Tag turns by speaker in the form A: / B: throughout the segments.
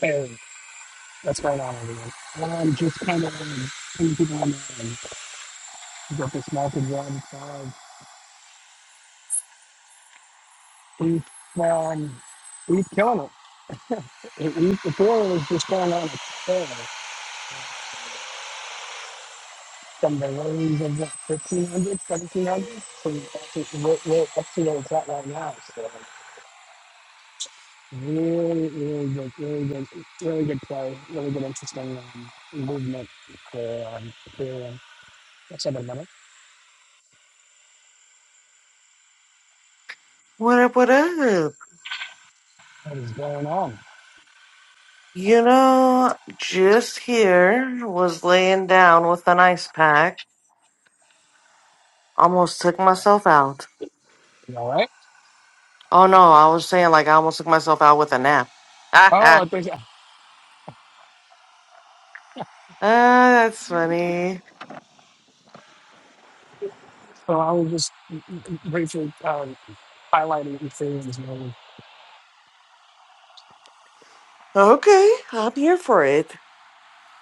A: Hey, what's going on, everyone? am just kind of um, putting people on the get this market run. Uh, we've, um, we've killing it. it we, the floor is just going on a tear. From the lows of what, 1500, 1700 we're, we're up to where it's at right now. So really, really good, really good, really good play, really good, interesting um, movement for um, Ethereum. What's up, everybody?
B: What up, what up?
A: What is going on?
B: You know, just here was laying down with an ice pack. Almost took myself out.
A: You all right?
B: Oh no, I was saying like I almost took myself out with a nap.
A: Oh, I think.
B: Ah, that's funny.
A: So I was just briefly um, highlighting the things you know,
B: Okay, I'm here for it.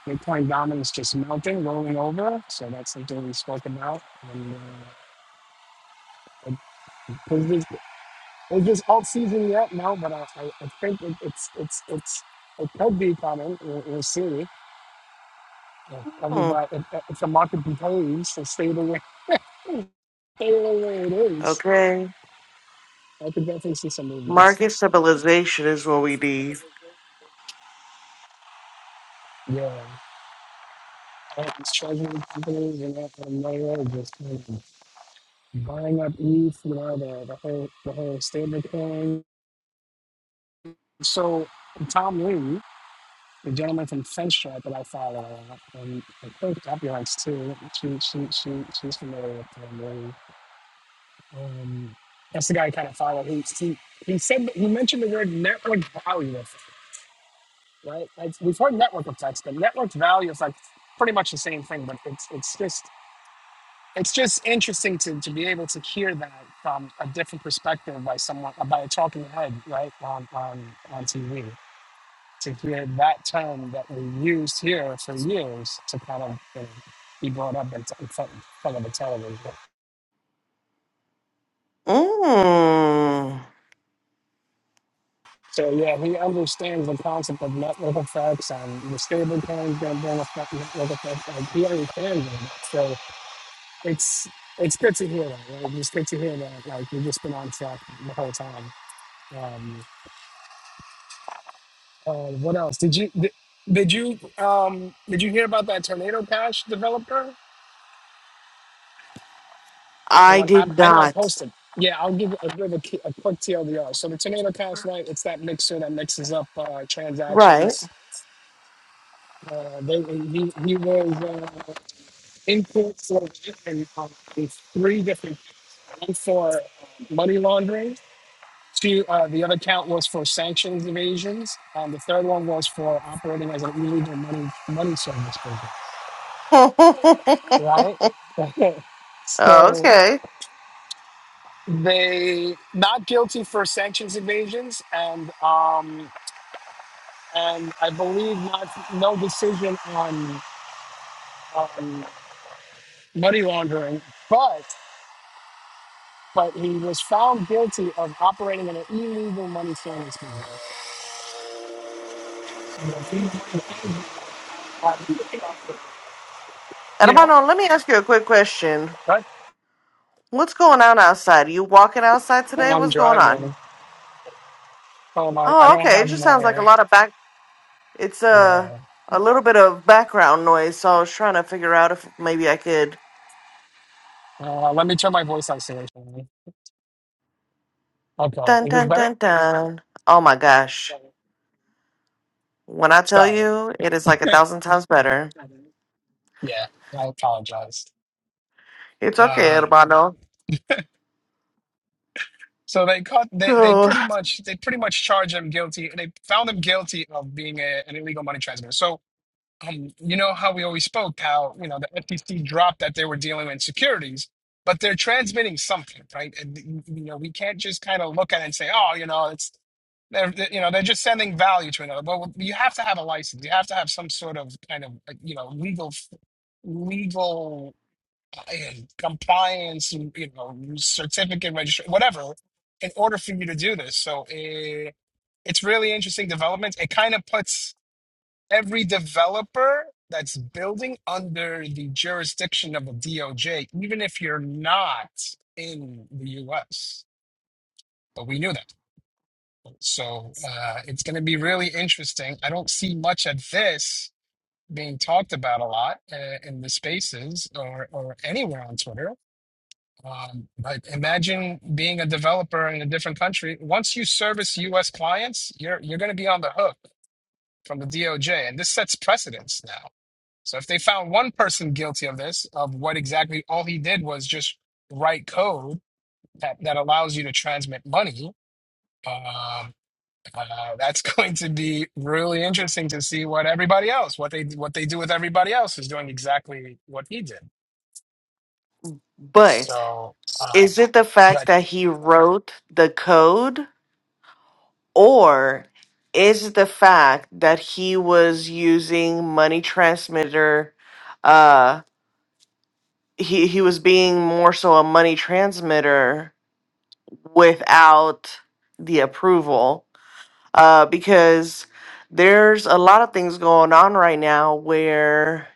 A: Bitcoin dominance just mounting, rolling over. So that's something we spoke about. And uh, it, is this is this alt season yet? No, but I, I, I think it, it's it's it's it could be coming. We'll, we'll see. If
B: Hmm.
A: everybody, if, if the market behaves and stay the way stay the way it is,
B: Okay.
A: I could definitely see some movements.
B: Market stabilization is what we need.
A: Yeah, all these treasury companies and that and that, just. buying up Eve, you know, the, the whole the whole stablecoin. So Tom Lee, the gentleman from FinStrat that I follow, and I think copyrights too. She she she she's familiar with Tom Lee. Um, that's the guy I kind of follow. He he he said he mentioned the word network value, right? Like we've heard network effects, but network value is like pretty much the same thing, but it's it's just it's just interesting to, to be able to hear that from a different perspective by someone by a talking head right on on on TV to hear that term that we used here for years to kind of you know, be brought up in, t- in front, in front of a television.
B: Mm.
A: So yeah, he understands the concept of network effects and the stable coins going to bring effect network effects. Like he understands all that. So it's it's good to hear that. Right? It's good to hear that. Like we've just been on track the whole time. Um, Uh, what else? Did you did, did you um did you hear about that tornado cash developer and
B: I
A: what happened?
B: did
A: I know I
B: not.
A: posted. Yeah, I'll give I'll give a, key- a quick TLDR. So the tornado cash right, it's that mixer that mixes up uh,
B: Right.
A: transactions. Uh, they he, he was uh, in court for in, um, in three different one for um, money laundering. Two, uh, the other count was for sanctions evasions. Um, the third one was for operating as an illegal money money service. business.
B: okay.
A: right? so they not guilty for sanctions evasions, and um, and I believe not no decision on um, money laundering, but but he was found guilty of operating in an illegal money service business. You know,
B: Hermano, let me ask you a quick question.
A: right?
B: What's going on outside? you walking outside today?
A: I'm
B: What's going on?
A: driving. Hold on, I
B: Oh,
A: don't
B: okay. It
A: have
B: just sounds like a
A: my
B: lot of back. It's a
A: yeah.
B: a little bit of background noise. So I was trying to figure out if maybe I could.
A: Uh, let me turn my voice isolation. on. Okay,
B: Dun
A: is this
B: dun
A: better?
B: dun dun. Oh my gosh! When I tell
A: Sorry.
B: you, it is like a thousand times better.
A: Yeah, I apologize.
B: It's okay,
A: Uh,
B: hermano.
A: so they cut. They they
B: So,
A: pretty much they pretty much charged him guilty. They found him guilty of being a, an illegal money transmitter. So um, you know how we always spoke how you know the FTC dropped that they were dealing with securities, but they're transmitting something, right? And, you know we can't just kind of look at it and say, oh, you know, it's they're they're- you know they're just sending value to another well you have to have a license you have to have some sort of kind of like, you know legal legal and compliance, you know, certificate registration, whatever, in order for you to do this. So it, it's really interesting development. It kind of puts every developer that's building under the jurisdiction of a DOJ, even if you're not in the US. But we knew that. So uh, it's going to be really interesting. I don't see much of this being talked about a lot uh, in the spaces or, or anywhere on Twitter Um, like imagine being a developer in a different country. Once you service U.S. clients, you're you're going to be on the hook from the DOJ, and this sets precedents now. So if they found one person guilty of this, of what exactly all he did was just write code that, that allows you to transmit money, um, uh, that's going to be really interesting to see what everybody else, what they what they do with everybody else, is doing exactly what he did.
B: but
A: So,
B: is
A: um,
B: it the
A: but
B: fact that he wrote the code, or is it the fact that he was using money transmitter? uh, he he was being more so a money transmitter without the approval uh because there's a lot of things going on right now where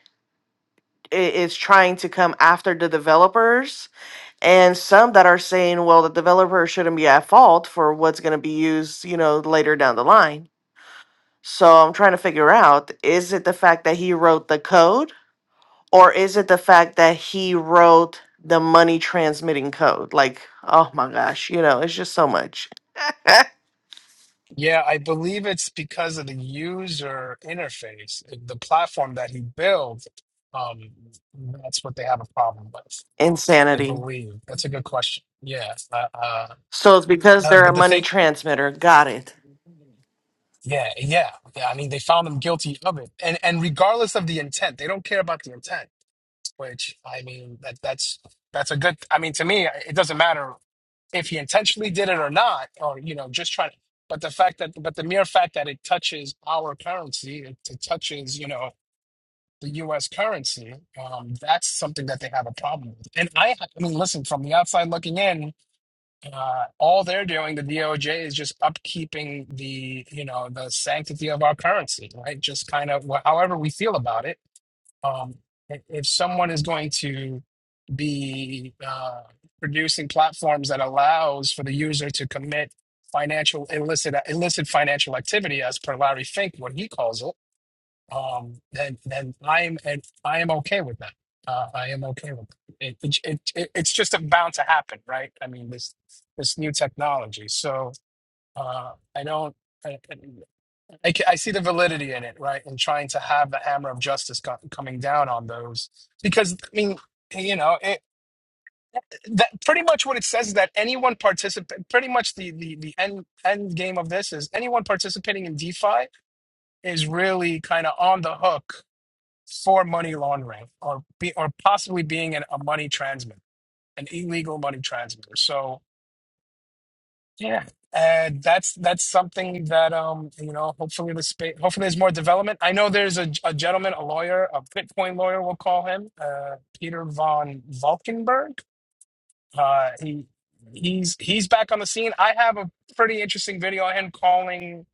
B: i- it's trying to come after the developers and some that are saying well the developer shouldn't be at fault for what's going to be used you know later down the line so i'm trying to figure out is it the fact that he wrote the code Or is it the fact that he wrote the money transmitting code? Like, oh my gosh, you know, it's just so much
A: Yeah, I believe it's because of the user interface, the platform that he built. Um, that's what they have a problem with. I
B: insanity.
A: believe that's a good question. Yeah, uh, uh,
B: So it's because
A: uh,
B: they're
A: but
B: a
A: the
B: money
A: thing,
B: transmitter. Got it.
A: yeah, yeah, yeah. I mean, they found him guilty of it, and and regardless of the intent, they don't care about the intent. Which I mean, that that's that's a good. I mean, to me, it doesn't matter if he intentionally did it or not, or you know, just trying. to, But the fact that, but the mere fact that it touches our currency, it, it touches you know the U.S. currency, um, that's something that they have a problem with. And I, I mean, listen, from the outside looking in, uh, all they're doing, the DOJ, is just upkeeping the you know the sanctity of our currency, right? Just kind of wh- however we feel about it um, i- if someone is going to be uh, producing platforms that allows for the user to commit financial illicit uh, illicit financial activity as per Larry Fink, what he calls it, um, then then I am and I am okay with that. Uh, I am okay with it. It, it, it. It's just bound to happen, right? I mean this this new technology. So uh, I don't. I, ca- I see the validity in it, right? And trying to have the hammer of justice co- coming down on those, because I mean, you know, it, that pretty much what it says is that anyone participate, pretty much the the the end end game of this is anyone participating in DeFi is really kind of on the hook for money laundering or be or possibly being an, a money transmitter, an illegal money transmitter. So Yeah, and that's that's something that um you know hopefully the space hopefully there's more development. I know there's a, a gentleman, a lawyer, a Bitcoin lawyer, we'll call him uh, Peter von Valkenburg. Uh, he he's he's back on the scene. I have a pretty interesting video of him calling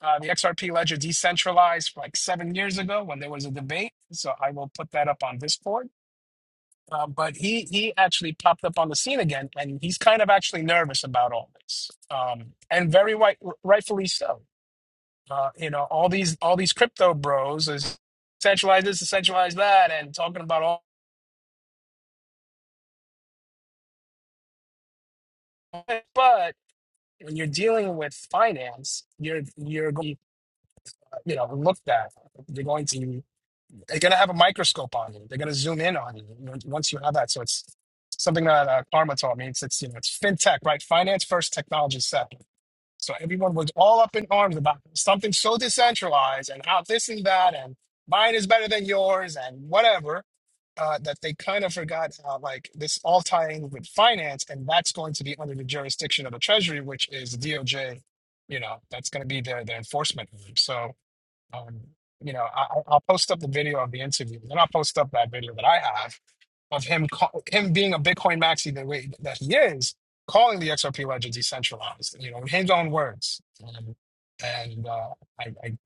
A: uh, the XRP ledger decentralized like seven years ago when there was a debate. So I will put that up on Discord uh, but he he actually popped up on the scene again, and he's kind of actually nervous about all this, um, and very right, rightfully so. Uh, you know, all these all these crypto bros is centralize this, centralize that, and talking about all. But when you're dealing with finance, you're you're going you know looked at. They're going to they're going to have a microscope on you. They're going to zoom in on you on- once you have that. So it's something that uh, Karma taught me. It's it's you know it's fintech, right? Finance first, technology second So everyone was all up in arms about something so decentralized and how this and that and mine is better than yours and whatever uh, that they kind of forgot uh, like this all tying with finance and that's going to be under the jurisdiction of the Treasury, which is the DOJ. You know that's going to be their their enforcement. arm. So um, you know I, I'll I'll post up the video of the interview and I'll post up that video that I have of him call, him being a Bitcoin maxi the way that he is, calling the XRP ledger decentralized, you know, in his own words. Um, and uh, I, I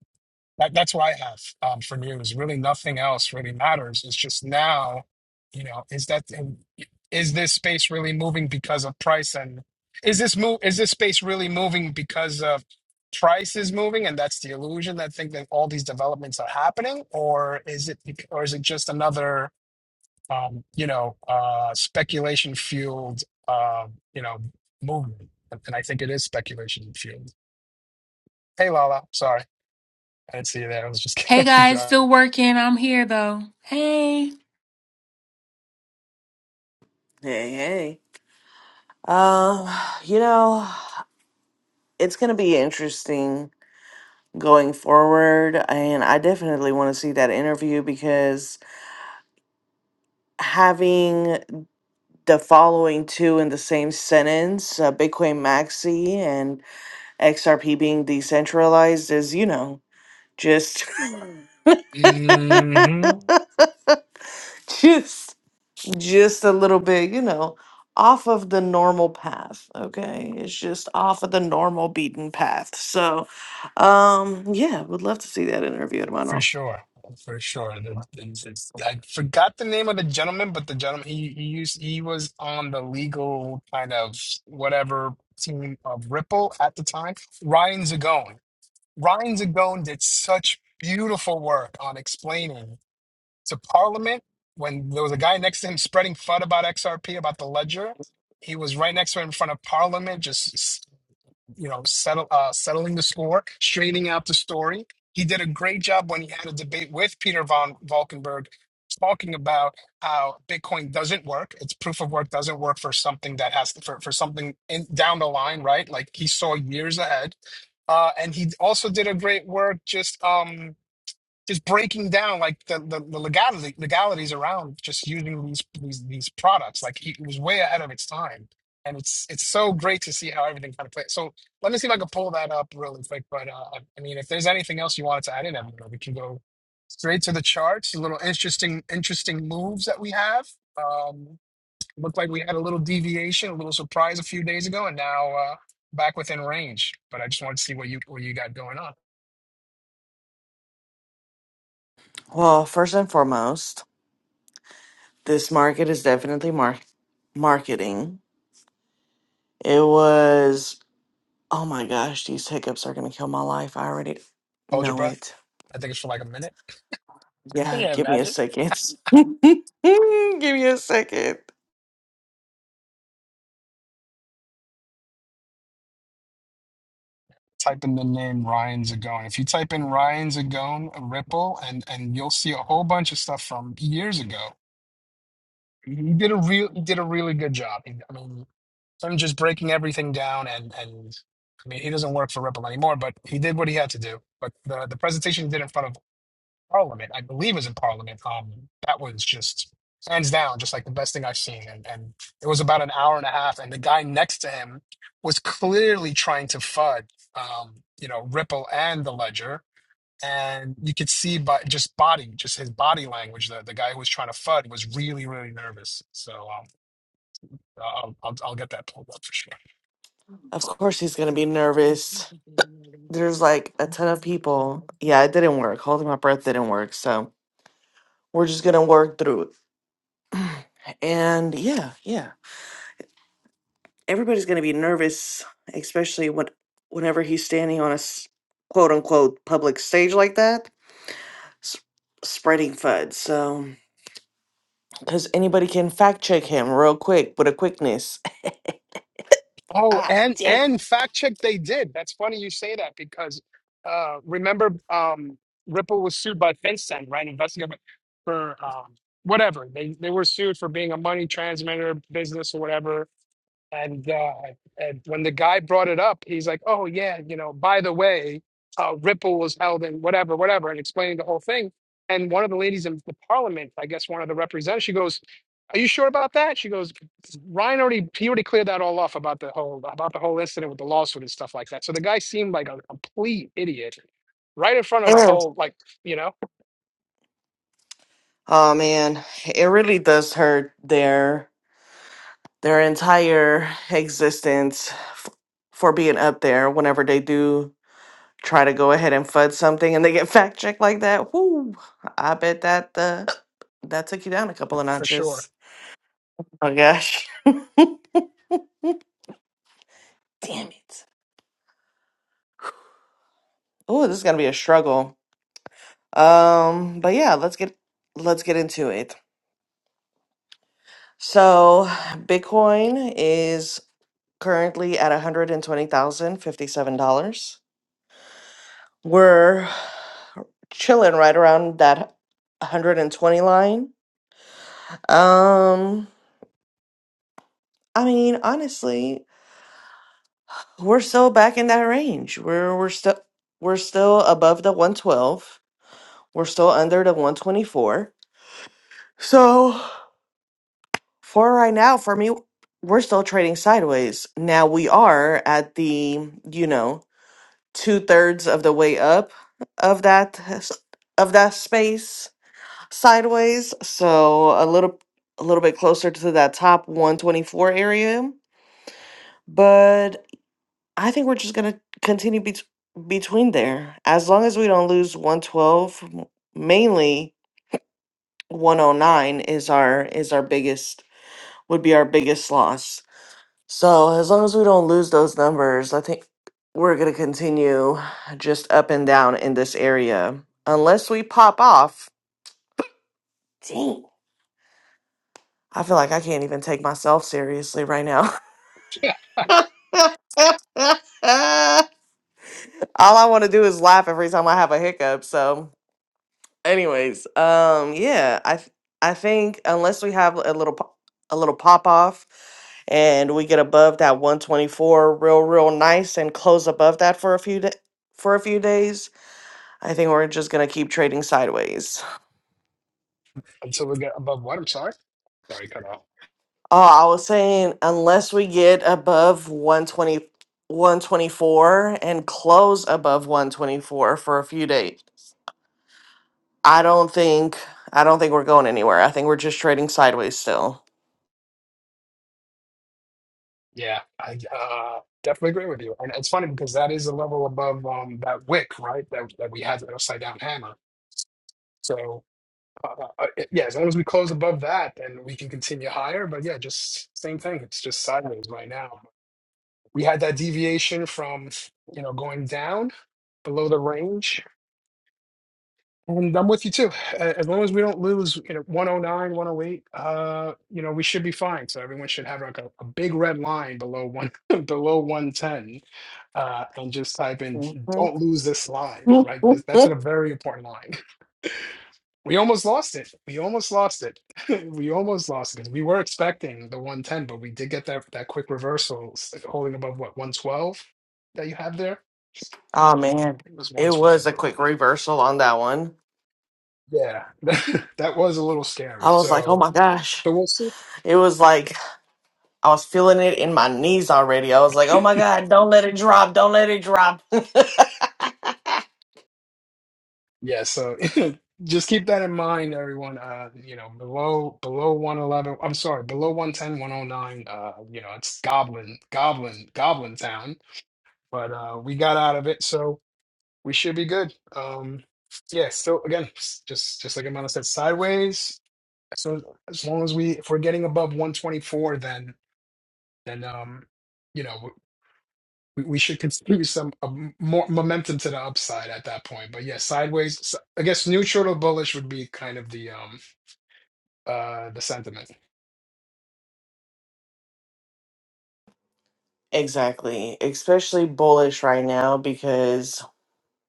A: that, that's what I have um, for news. Really, nothing else really matters. It's just now, you know, is that um, is this space really moving because of price and is this move is this space really moving because of price is moving and that's the illusion that think that all these developments are happening or is it bec- or is it just another um, you know, uh, speculation fueled, uh, you know, movement. And, and I think it is speculation fueled. Hey, Lala, sorry. I didn't see you there. I was just
C: Hey guys,
A: driving.
C: still working. I'm here though. Hey,
B: Hey, hey. Um, you know, it's going to be interesting going forward. And I definitely want to see that interview because having the following two in the same sentence, uh, Bitcoin Maxi and XRP being decentralized, is you know just
A: hmm
B: just just a little bit, you know, off of the normal path. Okay, it's just off of the normal beaten path. So, um, yeah, would love to see that interview,
A: For
B: hermano.
A: sure. For sure. The- the- the- I forgot the name of the gentleman, but the gentleman, he, he used, he was on the legal kind of whatever team of Ripple at the time. Ryan Zagone. Ryan Zagone did such beautiful work on explaining to Parliament when there was a guy next to him spreading FUD about XRP, about the ledger. He was right next to him in front of Parliament, just you know, settle, uh, settling the score, straightening out the story. He did a great job when he had a debate with Peter von Valkenburg, talking about how Bitcoin doesn't work. Its proof of work doesn't work for something that has to, for, for something in, down the line, right? Like he saw years ahead. Uh, and he also did a great work just um, just breaking down like the, the, the legality, legalities around just using these these these products. Like it was way ahead of its time, and it's it's so great to see how everything kind of plays. So let me see if I can pull that up really quick. But uh, I I mean, if there's anything else you wanted to add in, Evan, we can go straight to the charts. A little interesting interesting moves that we have. Um, looked like we had a little deviation, a little surprise a few days ago, and now uh, back within range. But I just wanted to see what you what you got going on.
B: Well, first and foremost, this market is definitely mar- marketing. It was. Oh my gosh, these hiccups are gonna kill my life. I already
A: Hold your
B: know
A: breath.
B: it.
A: I think it's for like a minute.
B: Yeah,
A: Yeah,
B: give me a
A: imagine.
B: second. give me a second.
A: Type in the name Ryan Zagone. If you type in Ryan Zagone Ripple, and and you'll see a whole bunch of stuff from years ago. He did a real, he did a really good job. He- I mean, him just breaking everything down, and and I mean, he doesn't work for Ripple anymore, but he did what he had to do. But the the presentation he did in front of Parliament, I believe was in Parliament. Um, that was just hands down, just like the best thing I've seen. And and it was about an hour and a half, and the guy next to him was clearly trying to fud, um, you know, Ripple and the Ledger. And you could see by just body, just his body language, the the guy who was trying to fud was really, really nervous. So um, I'll I'll, I'll get that pulled up for sure.
B: Of course, he's gonna be nervous. There's like a ton of people. Yeah, it didn't work. Holding my breath didn't work. So we're just gonna work through it. And yeah, yeah. Everybody's gonna be nervous, especially when whenever he's standing on a s- quote unquote public stage like that, s- spreading FUD. So. because anybody can fact check him real quick with a quickness.
A: Oh,
B: ah,
A: and
B: damn
A: and
B: it.
A: fact check they did. That's funny you say that because uh remember um Ripple was sued by FinCEN, right? Investigated for um whatever. They they were sued for being a money transmitter business or whatever and uh, and when the guy brought it up, he's like, "Oh yeah, you know, by the way, uh, Ripple was held in whatever, whatever," and explaining the whole thing. And one of the ladies in the parliament, I guess one of the representatives, she goes, "Are you sure about that?" She goes, "Ryan already he already cleared that all off about the whole about the whole incident with the lawsuit and stuff like that." So the guy seemed like a complete idiot right in front of the
B: Mm.
A: whole, like you know,
B: Oh man, it really does hurt their their entire existence f- for being up there whenever they do try to go ahead and fud something and they get fact checked like that. Whoo! I bet that the that took you down a couple of
A: for sure.
B: notches. Oh gosh. Damn it. Oh, this is gonna be a struggle. Um, but yeah, let's get let's get into it. So Bitcoin is currently at $120,057. We're chilling right around that 120 line. Um, I mean, honestly, we're still back in that range. We're we're still we're still above the 112. We're still under the 124. So for right now, for me, we're still trading sideways. Now we are at the, you know, two thirds of the way up of that of that space sideways so a little a little bit closer to that top 124 area but i think we're just going to continue bet- between there as long as we don't lose 112 m- mainly 109 is our is our biggest would be our biggest loss So as long as we don't lose those numbers, I think we're going to continue just up and down in this area unless we pop off. Dang. I feel like I can't even take myself seriously right now.
A: Yeah.
B: All I want to do is laugh every time I have a hiccup. So Anyways, um, yeah, I th- I think unless we have a little po- a little pop off, and we get above that 124 real real nice and close above that for a few da for a few days, I think we're just gonna keep trading sideways.
A: Until we get above what? I'm sorry. Sorry, cut off.
B: Oh, I was saying unless we get above one twenty one twenty four and close above 124 for a few days, I don't think I don't think we're going anywhere. I think we're just trading sideways still.
A: Yeah, I uh, definitely agree with you. And it's funny because that is a level above um, that wick, right? That that we had that upside down hammer. So uh, uh, yeah, as long as we close above that, then we can continue higher. But yeah, just same thing. It's just sideways right now. We had that deviation from you know going down below the range. And I'm with you too. A- As long as we don't lose, you know, one oh nine, one oh eight, uh, you know, we should be fine. So everyone should have like a, a big red line below one, below 110, uh, and just type in, don't
B: Mhm.
A: lose this line, right? That's that's a very important line. We almost lost it. We almost lost it. We almost lost it. 'Cause We were expecting the 110, but we did get that that quick reversal s- holding above what, 112 that you have there?
B: Oh
A: I
B: man,
A: think It was
B: it was
A: 112
B: a
A: or
B: quick
A: 1.
B: reversal on that one.
A: Yeah, that was a little scary.
B: I was like, oh
A: So,
B: my gosh.
A: so we'll see.
B: It was like I was feeling it in my knees already. I was like, oh my God, don't let it drop. Don't let it drop.
A: Yeah, so just keep that in mind, everyone. Uh, you know, below below 111, I'm sorry, below one ten, one o nine. uh, you know, it's goblin, goblin, goblin town, but uh we got out of it, so we should be good. Um, yeah, so again, s- just just like Amanda said, sideways. So as long as we if we're getting above 124, then then um, you know. we, we should continue some uh, more momentum to the upside at that point. But yeah, sideways. s- I guess neutral to bullish would be kind of the um uh the sentiment.
B: exactly. Especially bullish right now because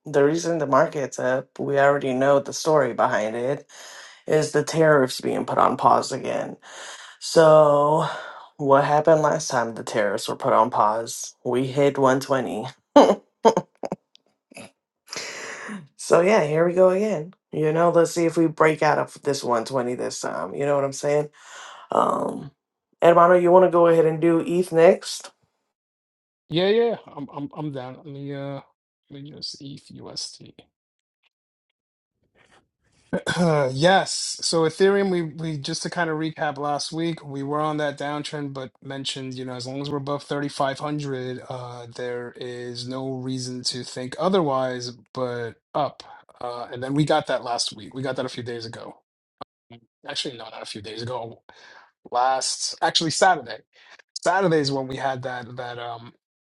B: the reason the market's up, we already know the story behind it, is the tariffs being put on pause again. So, what happened last time the tariffs were put on pause? We hit 120. So yeah, here we go again. You know, let's see if we break out of this 120 this time. You know what I'm saying? Um Hermano, you want to go ahead and do ETH next?
A: Yeah, yeah, I'm I'm I'm down. Let me uh let me just ETH USD. yes. So Ethereum, we we just to kind of recap last week, we were on that downtrend, but mentioned you know as long as we're above 3,500, uh, there is no reason to think otherwise, but up. Uh, and then we got that last week. We got that a few days ago. Mm, Actually, no, not a few days ago. Last, actually, Saturday. Saturday is when we had that that um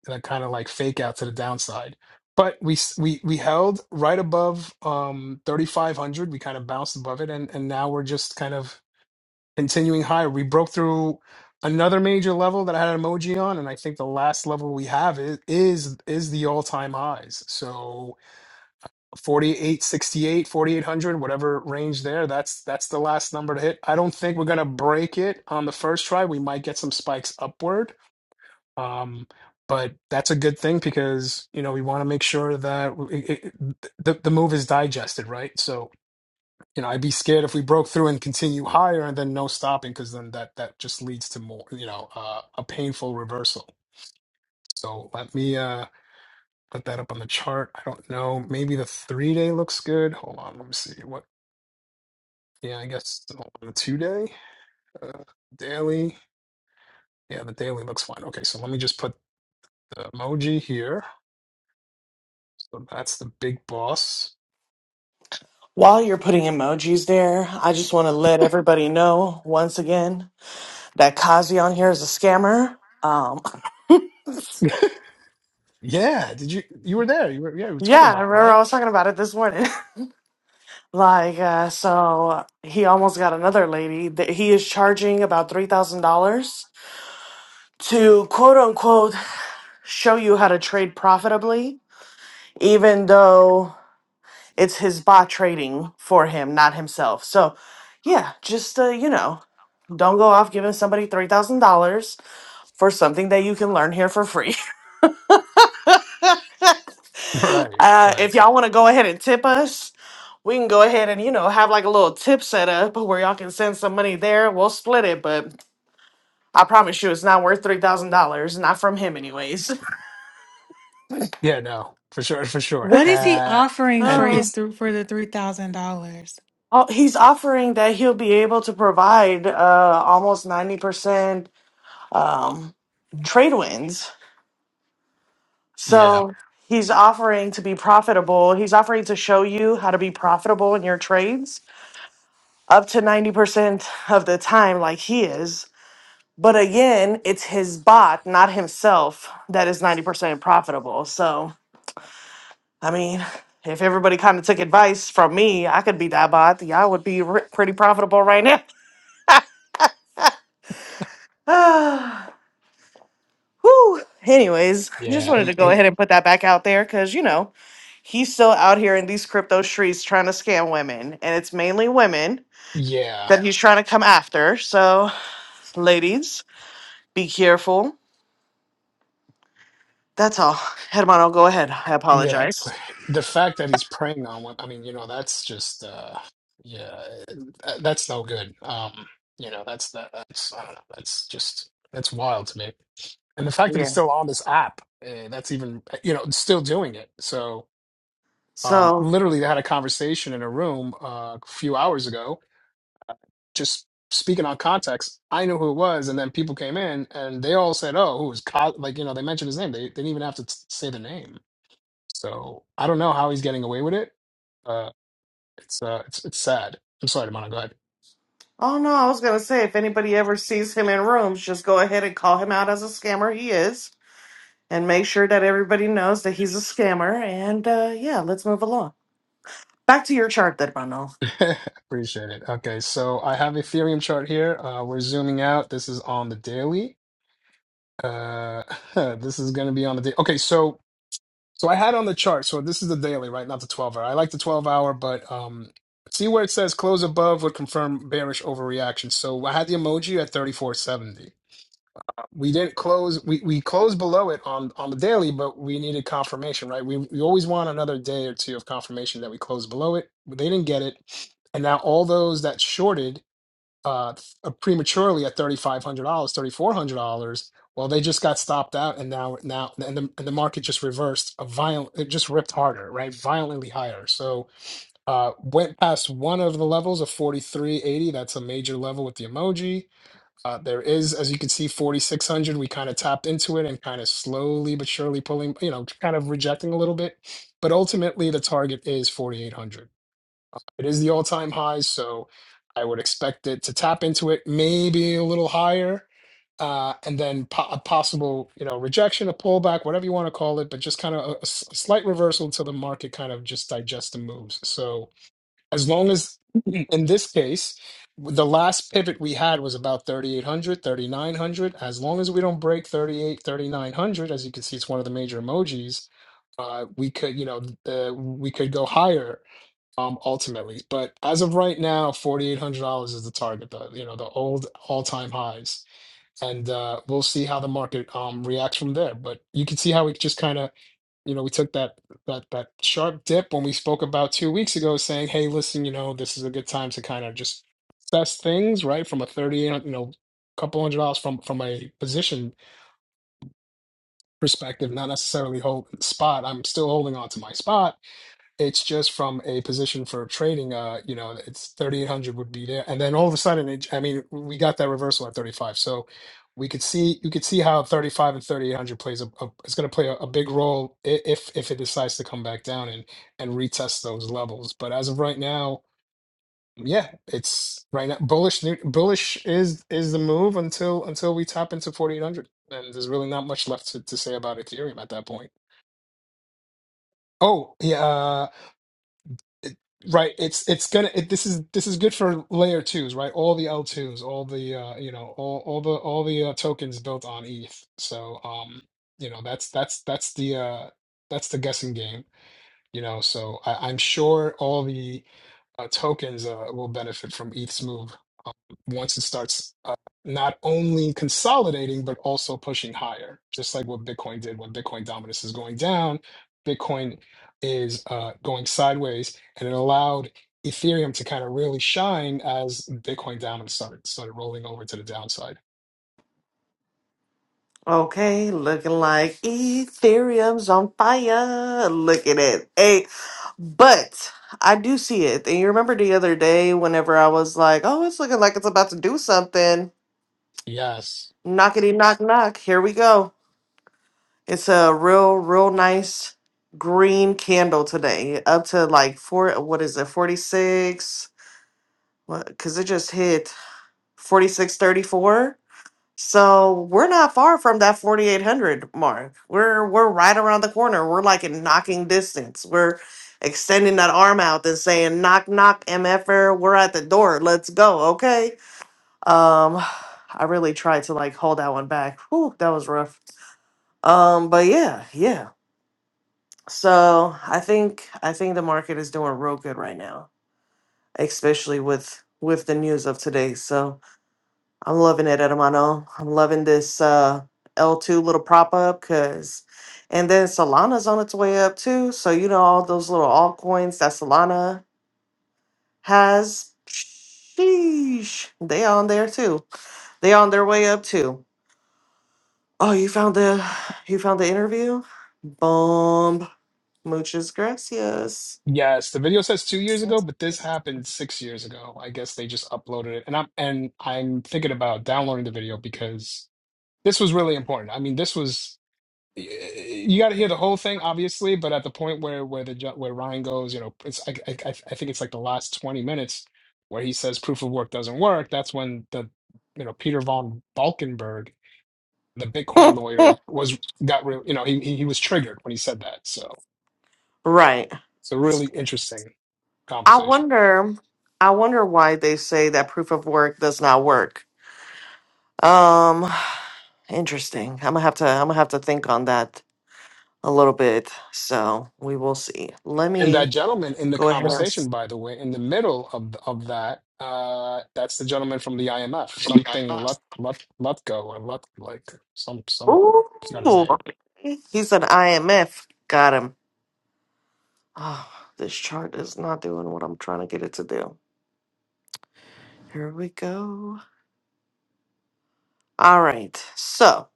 A: that kind of like fake out to the downside. But we s- we we held right above um 3500. We kind of bounced above it and and now we're just kind of continuing higher. We broke through another major level that I had an emoji on and I think the last level we have is is is the all-time highs. So Forty-eight, sixty-eight, forty-eight hundred, whatever range there that's that's the last number to hit i don't think we're going to break it on the first try we might get some spikes upward um but that's a good thing because you know we want to make sure that it, it, the, the move is digested right so you know i'd be scared if we broke through and continue higher and then no stopping because then that that just leads to more you know uh, a painful reversal so let me uh put that up on the chart. I don't know. Maybe the three day looks good. Hold on. Let me see. What? Yeah, I guess on two day, uh, daily. Yeah, the daily looks fine. Okay, so let me just put the emoji here. So that's the big boss.
B: While you're putting emojis there, I just want to let everybody know once again that Kazi on here is a scammer. Um,
A: Yeah, did you you were there? You were yeah, we were talking
B: yeah, I
A: about it,
B: remember I
A: right?
B: was talking about it this morning. like, uh, so he almost got another lady that he is charging about $3,000 to quote unquote show you how to trade profitably even though it's his bot trading for him, not himself. So, yeah, just uh, you know, don't go off giving somebody three thousand dollars for something that you can learn here for free.
A: Right,
B: uh,
A: right.
B: if y'all want to go ahead and tip us, we can go ahead and you know have like a little tip set up where y'all can send some money there. We'll split it, but I promise you, it's not worth three thousand dollars. Not from him, anyways.
A: Yeah, no, for sure, for sure.
C: What is he
A: Uh,
C: offering
A: and
C: for
B: Oh,
C: his
A: it's
C: th- for the three thousand dollars?
B: oh, he's offering that he'll be able to provide uh, almost 90%. um, trade Tradewinds.
A: yeah,
B: So he's offering to be profitable. He's offering to show you how to be profitable in your trades up to 90% of the time, like he is. But again, it's his bot, not himself, that is 90% profitable. So, I mean, if everybody kind of took advice from me, I could be that bot. Y'all would be r- pretty profitable right now. Ah, Whew. Anyways, just
A: yeah,
B: wanted
A: he,
B: to go
A: he,
B: ahead and put that back out there because, you know, He's still out here in these crypto streets trying to scam women, and it's mainly women
A: yeah.
B: that he's trying to come after. So, ladies, be careful. That's all. Hermano, go ahead. I
A: Yeah, p-
B: apologize.
A: the fact that he's preying on women, I mean, you know, that's just uh yeah, th- that's no good. Um, you know, that's that that's I don't know, that's just that's wild to me. And the fact that he's
B: Yeah.
A: still on this app, uh, that's even eh, you know, still doing it. So, um
B: So,
A: literally they had a conversation in a room uh, a few hours ago, uh, just speaking on context. I knew who it was and then people came in and they all said, "Oh, who was Cos-" like, you know, they mentioned his name. They, they didn't even have to t- say the name. So I don't know how he's getting away with it. Uh, it's uh, it's it's sad. I'm sorry, Manu. Go
B: oh no, I was going to say if anybody ever sees him in rooms, just go ahead and call him out as a scammer. He is. and make sure that everybody knows that he's a scammer. And uh, yeah, let's move along. Back to your chart, then, Ronald.
A: ahead. Appreciate it. Okay, so I have Ethereum chart here. Uh, we're zooming out. This is on the daily. Uh, this is going to be on the day. Okay, so so I had on the chart. So this is the daily, right? Not the 12 hour. I like the 12 hour, but um, see where it says close above would confirm bearish overreaction. So I had the emoji at 34.70. we didn't close we, we closed below it on on the daily but we needed confirmation right we, we always want another day or two of confirmation that we closed below it but they didn't get it and now all those that shorted uh th- prematurely at $3500 $3400 well they just got stopped out and now now and the, and the market just reversed a violent it just ripped harder right violently higher so uh went past one of the levels of 4380 that's a major level with the emoji uh, there is, as you can see, 4,600. We kind of tapped into it and kind of slowly but surely pulling, you know, kind of rejecting a little bit. But ultimately, the target is 4,800. It is the all time high. So I would expect it to tap into it, maybe a little higher. Uh, and then po- a possible, you know, rejection, a pullback, whatever you want to call it, but just kind of a, a s- a slight reversal to the market, kind of just digest the moves. So as long as in this case the last pivot we had was about thirty eight hundred, thirty nine hundred. as long as we don't break thirty eight, thirty nine hundred, as you can see it's one of the major emojis uh, we could you know uh, we could go higher um ultimately but as of right now $4800 is the target the you know the old all-time highs and uh we'll see how the market um reacts from there but you can see how it just kind of you know, we took that that that sharp dip when we spoke about two weeks ago, saying, "Hey, listen, you know, this is a good time to kind of just assess things, right? From a thirty, you know, couple hundred dollars from from a position perspective, not necessarily hold spot. I'm still holding on to my spot, it's just from a position for trading uh you know it's 3800 would be there and then all of a sudden it, i mean we got that reversal at 35 so we could see you could see how 35 and 3800 plays a, a it's going to play a, a big role i- if if it decides to come back down and and retest those levels but as of right now yeah it's right now bullish new- bullish is is the move until until we tap into 4800 and there's really not much left to, to say about ethereum at that point oh yeah uh, it, right it's it's gonna it, this is this is good for layer twos right all the l2s all the uh you know all all the all the uh, tokens built on eth so um you know that's that's that's the uh that's the guessing game you know, so I, I'm sure all the uh, tokens uh, will benefit from ETH's move um, once it starts uh, not only consolidating but also pushing higher, just like what Bitcoin did when Bitcoin dominance is going down. Bitcoin is uh, going sideways, and it allowed Ethereum to kind of really shine as Bitcoin dominance started started rolling over to the downside.
B: Okay, looking like Ethereum's on fire. Look at it. Hey, but I do see it. And you remember the other day, whenever I was like, oh, it's looking like it's about to do something.
A: Yes.
B: Knockety knock knock. Here we go. It's a real, real nice green candle today, up to like four, what is it, 46? What? Because it just hit 4634. So we're not far from that 4800 mark. We're we're right around the corner. We're like in knocking distance. We're extending that arm out and saying knock knock mf'er, we're at the door. Let's go, okay? Um I really tried to like hold that one back. Whew, that was rough. Um but yeah, yeah. So I think I think the market is doing real good right now, especially with with the news of today. So I'm loving it, Hermano. I'm loving this uh, L2 little prop up because, and then Solana's on its way up too. So, you know, all those little altcoins that Solana has, sheesh, they on there too. They on their way up too. Oh, you found the, you found the interview? Boom. Muchas gracias.
A: Yes, the video says two years ago, but this happened six years ago. I guess they just uploaded it, and I'm and I'm thinking about downloading the video because this was really important. I mean, this was y- you got to hear the whole thing, obviously, but at the point where where the ju- where Ryan goes, you know, it's I, I I I think it's like the last 20 minutes where he says proof of work doesn't work. That's when the you know Peter von Balkenberg, the Bitcoin lawyer, was got real. You know, he he he was triggered when he said that. So
B: Right.
A: it's a really interesting
B: I
A: conversation.
B: wonder, I wonder why they say that proof of work does not work. Um, Interesting. I'm gonna have to I'm gonna have to think on that a little bit. So we will see. Let
A: And that
B: me
A: gentleman in the
B: go ahead. and s-
A: conversation, by the way, in the middle of th- of that, uh, that's the gentleman from the IMF, something Lut Lut Lutko or Lut like some some. It's not his
B: Ooh, okay. he's an IMF. Got him. Oh, this chart is not doing what I'm trying to get it to do. Here we go. All right. So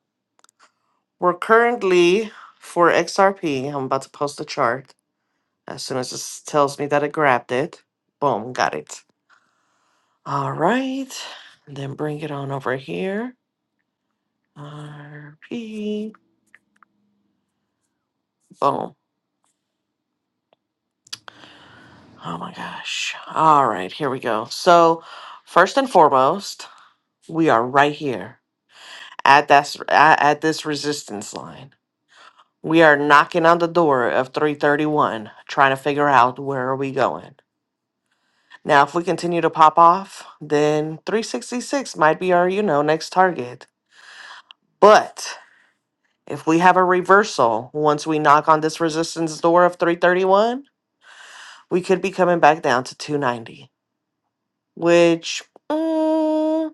B: we're currently for XRP. I'm about to post the chart as soon as this tells me that it grabbed it. Boom, got it. All right. And then bring it on over here. RP. Boom. Oh my gosh. All right, here we go. So, first and foremost, we are right here at that s- at at this resistance line. We are knocking on the door of 331, trying to figure out where are we going. Now, if we continue to pop off, then 366 might be our, you know, next target. But if we have a reversal once we knock on this resistance door of 331, we could be coming back down to 290. which uh,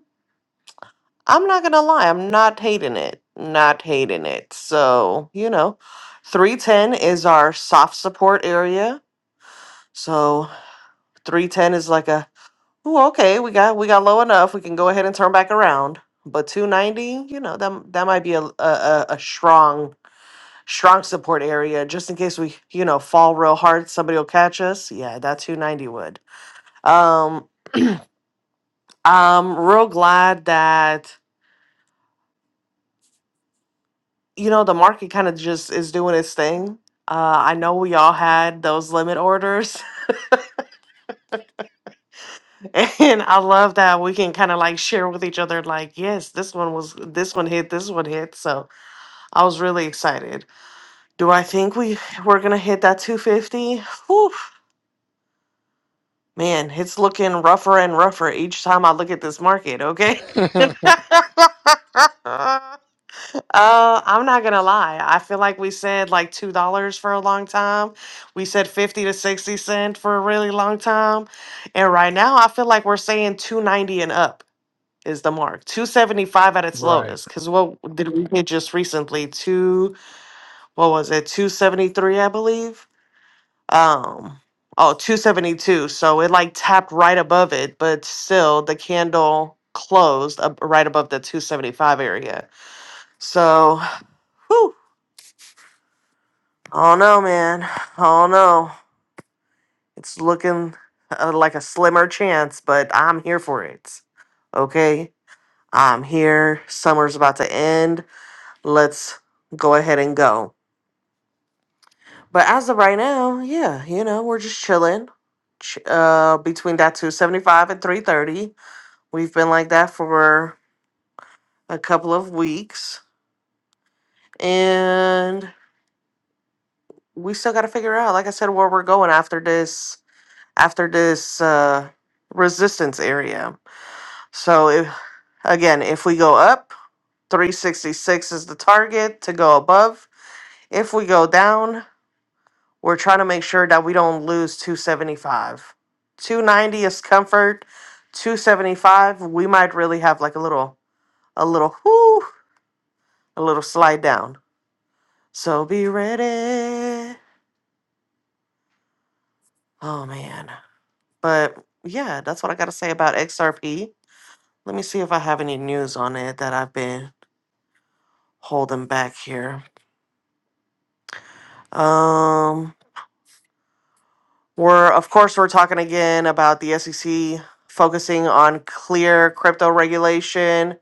B: I'm not gonna lie, I'm not hating it, not hating it. So you know, three ten is our soft support area. So three ten is like a oh okay, we got we got low enough, we can go ahead and turn back around. But two ninety, you know, that that might be a, a a a strong strong support area just in case we you know fall real hard, somebody will catch us. Yeah, that two ninety would. Um, I'm real glad that you know, the market kind of just is doing its thing. Uh, I know we all had those limit orders, and I love that we can kind of like share with each other, like, yes, this one was, this one hit, this one hit. So I was really excited. Do I think we we're gonna hit that 250? Whew, man, it's looking rougher and rougher each time I look at this market. Okay.
A: name.
B: Uh, I'm not gonna lie. I feel like we said like two dollars for a long time. We said fifty to sixty cent for a really long time, and right now I feel like we're saying two ninety and up is the mark. Two seventy five at its
A: right.
B: lowest. Cause what did we hit just recently? Two what was it? Two seventy three, I believe. Um, oh, two seventy two. So it like tapped right above it, but still the candle closed up right above the two seventy five area. So. Oh no, man. Oh no. It's looking uh, like a slimmer chance, but I'm here for it. Okay? I'm here. Summer's about to end. Let's go ahead and go. But as of right now, yeah, you know, we're just chilling. Ch- uh, between that 275 and 330. We've been like that for a couple of weeks. And we still got to figure out, like I said, where we're going after this, after this, uh, resistance area. So if, again, if we go up, 366 is the target to go above. If we go down, we're trying to make sure that we don't lose 275. 290 is comfort. 275, we might really have like a little, a little, whoo, a little slide down. So be ready. Oh man. But yeah, that's what I got to say about XRP. Let me see if I have any news on it that I've been holding back here. Um, We're, of course, we're talking again about the SEC focusing on clear crypto regulation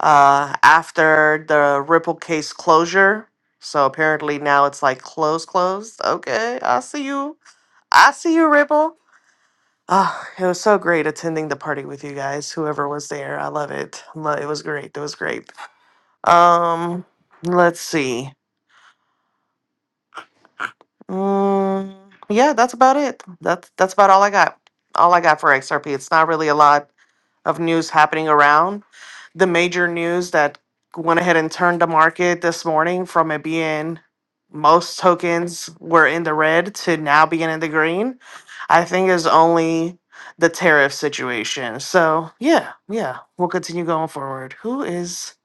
B: uh, after the Ripple case closure. So apparently now it's like close, closed. Okay, I see you. I see you, Ripple. Ah, it was so great attending the party with you guys. Whoever was there, I love it. Lo- It was great. It was great. Um, let's see. Mm, yeah, that's about it. That's that's about all I got. All I got for XRP. It's not really a lot of news happening around. The major news that went ahead and turned the market this morning from it being most tokens were in the red to now being in the green, I think is only the tariff situation. So, yeah, yeah, we'll continue going forward. Who is,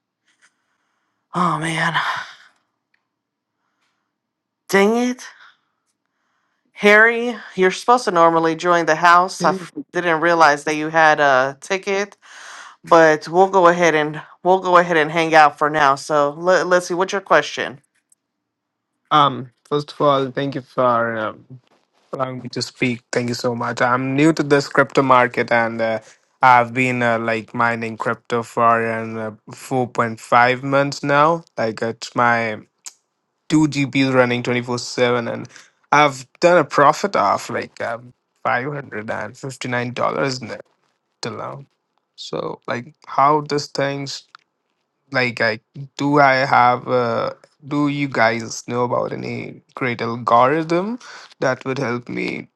B: oh man, dang it. Harry, you're supposed to normally join the house. I
D: Hey.
B: f- didn't realize that you had a ticket. but we'll go ahead and we'll go ahead and hang out for now. So let, let's see, what's your question?
D: Um, first of all, thank you for um, allowing me to speak. Thank you so much. I'm new to this crypto market, and uh, I've been uh, like mining crypto for um, uh, 4.5 months now. Like uh, it's my two GPUs running 24 seven, and I've done a profit of like um, 559 dollars till now. So like, how this things like I do I have uh, do you guys know about any great algorithm that would help me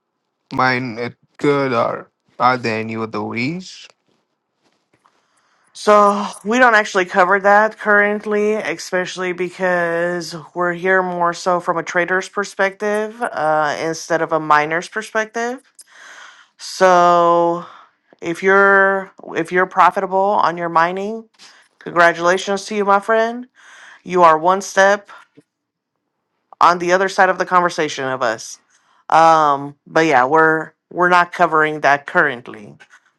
D: mine it good or are there any other ways?
B: So we don't actually cover that currently, especially because we're here more so from a trader's perspective uh, instead of a miner's perspective. So if you're if you're profitable on your mining, congratulations to you, my friend. You are one step on the other side of the conversation of us. Um, but yeah, we're we're not covering that currently.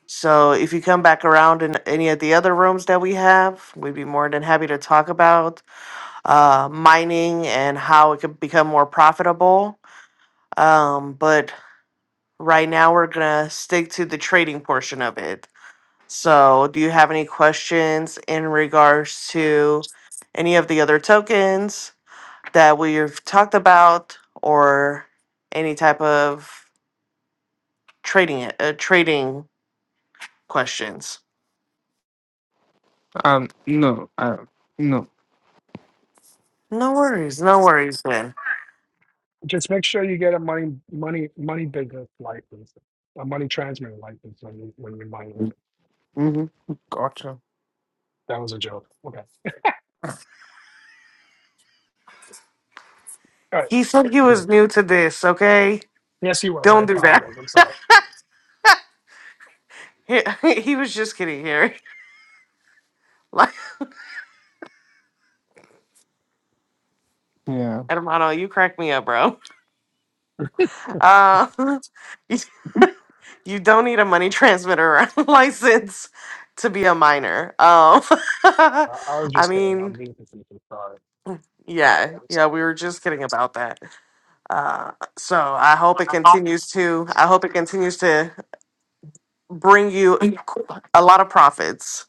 B: So if you come back around in any of the other rooms that we have, we'd be more than happy to talk about uh, mining and how it could become more profitable. Um, but right now, we're gonna stick to the trading portion of it. So, do you have any questions in regards to any of the other tokens? that we've talked about or any type of trading uh, trading questions.
D: Um no I no.
B: No worries, no worries, man.
A: Just make sure you get a money money money business license, a money transmitter license when you when you mine it.
D: Mm-hmm. Gotcha.
A: That was a joke. Okay. All
B: He said he
A: right.
B: was new to this, okay?
A: yes, he was. I
B: Don't do that.
A: apologize. I'm sorry.
B: He, he was just kidding here. Like,
D: Yeah.
B: Hermano, you crack me up, bro. Uh, you, you don't need a money transmitter license to be a minor. Um,
A: I, I was
B: I
A: just kidding. I'm
B: mean,
A: being facetious. Sorry. No,
B: yeah,
A: I'm
B: yeah,
A: sorry.
B: we were just kidding about that. Uh, so I hope it continues to. I hope it continues to bring you
D: Thank
B: a lot of profits.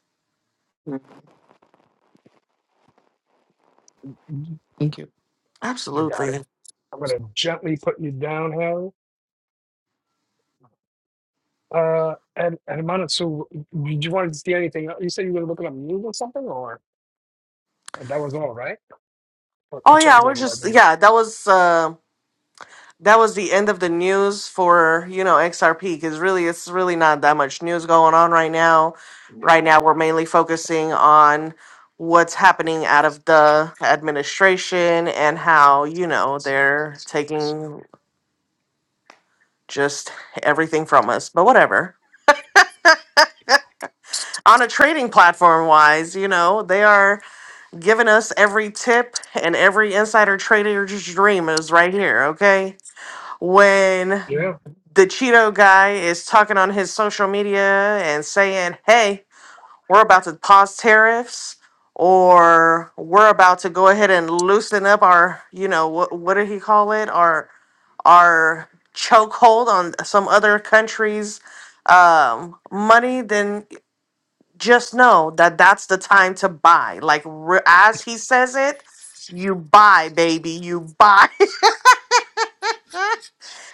D: you.
A: You got it.
B: Absolutely.
A: I'm gonna gently put you down, Harry. Uh, and and Manit, so did you want to see anything? else? You said you were looking up news or something, or and that was all, right? Or In
B: Oh yeah,
A: terms
B: we're
A: of like
B: just
A: news.
B: yeah. That was uh, that was the end of the news for you know XRP because really it's really not that much news going on right now.
A: Yeah.
B: Right now we're mainly focusing on what's happening out of the administration and how you know they're taking just everything from us. But whatever. on a trading platform wise, you know, they are giving us every tip and every insider trader's dream is right here, okay? When
A: Yeah.
B: the Cheeto guy is talking on his social media and saying, hey, we're about to pause tariffs or we're about to go ahead and loosen up our, you know, what, what did he call it? Our, our chokehold on some other countries um money then just know that that's the time to buy. Like re- as he says it, you buy, baby, you buy.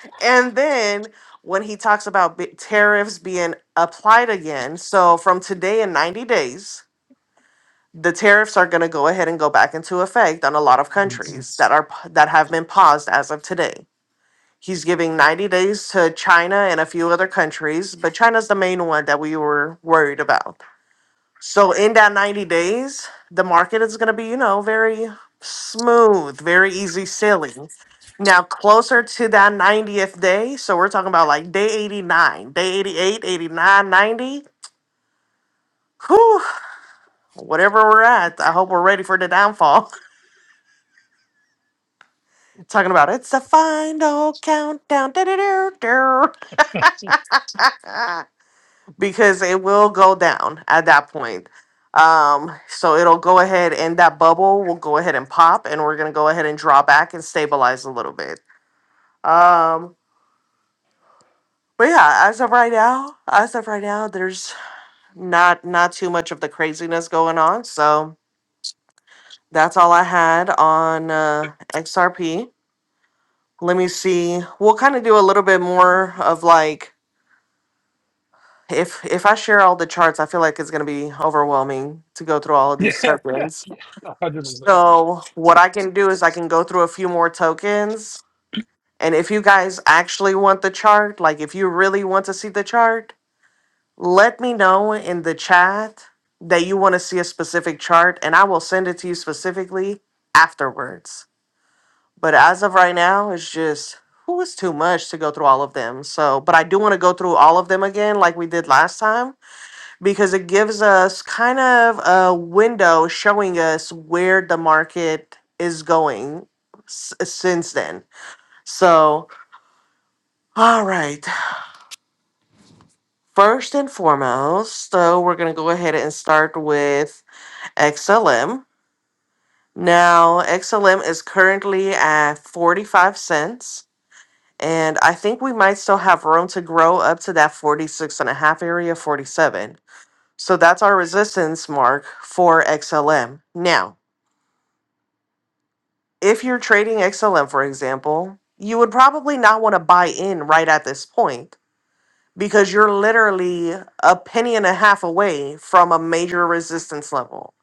B: and then when he talks about b- tariffs being applied again, so from today in 90 days, the tariffs are going to go ahead and go back into effect on a lot of
A: Mm.
B: countries that are p- that have been paused as of today. He's giving 90 days to China and a few other countries, but China's the main one that we were worried about. So in that 90 days, the market is going to be, you know, very smooth, very easy sailing. Now, closer to that 90th day, so we're talking about like day 89, day 88, 89, 90. Whew, whatever we're at, I hope we're ready for the downfall. Talking about it's the final countdown. because it will go down at that point. Um, so it'll go ahead and that bubble will go ahead and pop, and we're gonna go ahead and draw back and stabilize a little bit. Um, but yeah, as of right now, as of right now, there's not not too much of the craziness going on. So that's all I had on uh, XRP. Let me see. We'll kind of do a little bit more of like if if I share all the charts, I feel like it's gonna be overwhelming to go through all of these
A: yeah. Yeah.
B: tokens.
A: Yeah. A Hundred percent.
B: So what I can do is I can go through a few more tokens. And if you guys actually want the chart, like if you really want to see the chart, let me know in the chat that you want to see a specific chart and I will send it to you specifically afterwards. But as of right now, it's just who is too much to go through all of them. So, but I do want to go through all of them again like we did last time because it gives us kind of a window showing us where the market is going s- since then. So, all right. First and foremost, so we're going to go ahead and start with XLM. Now, XLM is currently at 45 cents. And I think we might still have room to grow up to that 46 and a half area, 47. So that's our resistance mark for XLM. Now, if you're trading XLM, for example, you would probably not want to buy in right at this point because you're literally a penny and a half away from a major resistance level.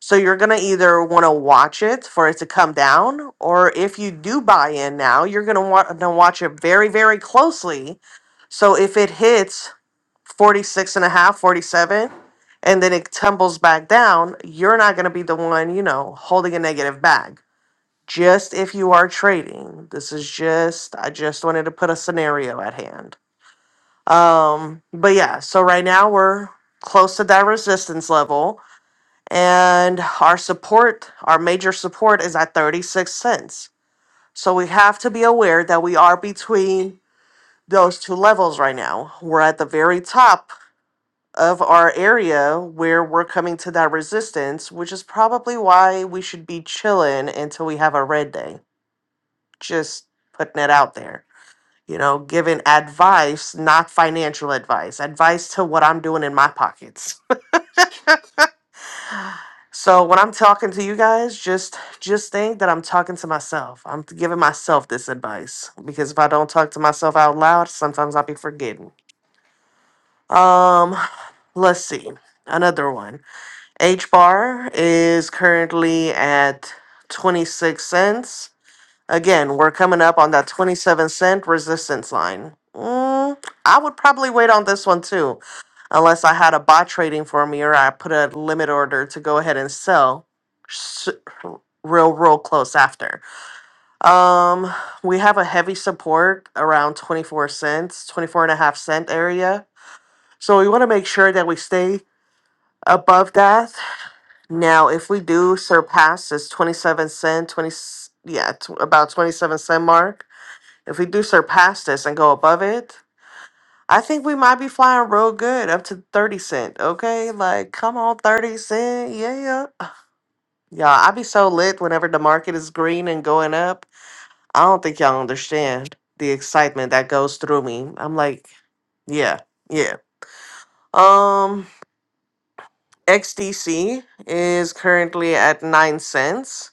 B: So you're going to either want to watch it for it to come down, or if you do buy in now, you're going to want to watch it very, very closely. So if it hits 46 and a half, 47, and then it tumbles back down, you're not going to be the one, you know, holding a negative bag just if you are trading. This is just I just wanted to put a scenario at hand. Um but yeah, so right now we're close to that resistance level and our support, our major support is at 36 cents. So we have to be aware that we are between those two levels right now. We're at the very top of our area where we're coming to that resistance, which is probably why we should be chilling until we have a red day just putting it out there. You know, giving advice, not financial advice, advice to what I'm doing in my pockets. So when I'm talking to you guys, just just think that I'm talking to myself. I'm giving myself this advice because if I don't talk to myself out loud, sometimes I'll be forgetting. Um, let's see. Another one. H bar is currently at 26 cents Again, we're coming up on that 27 cent resistance line. Mm, I would probably wait on this one too, unless I had a bot trading for me or I put a limit order to go ahead and sell s- real, real close after. Um, we have a heavy support around 24 cents, 24 and a half cent area. So we want to make sure that we stay above that. Now, if we do surpass this 27 cent, 20, yeah, t- about 27 cent mark, if we do surpass this and go above it, I think we might be flying real good up to 30 cent. Okay. Like, come on, 30 cent. Yeah. Y'all, I be so lit whenever the market is green and going up. I don't think y'all understand the excitement that goes through me. I'm like, yeah, yeah. Um, XDC is currently at nine cents.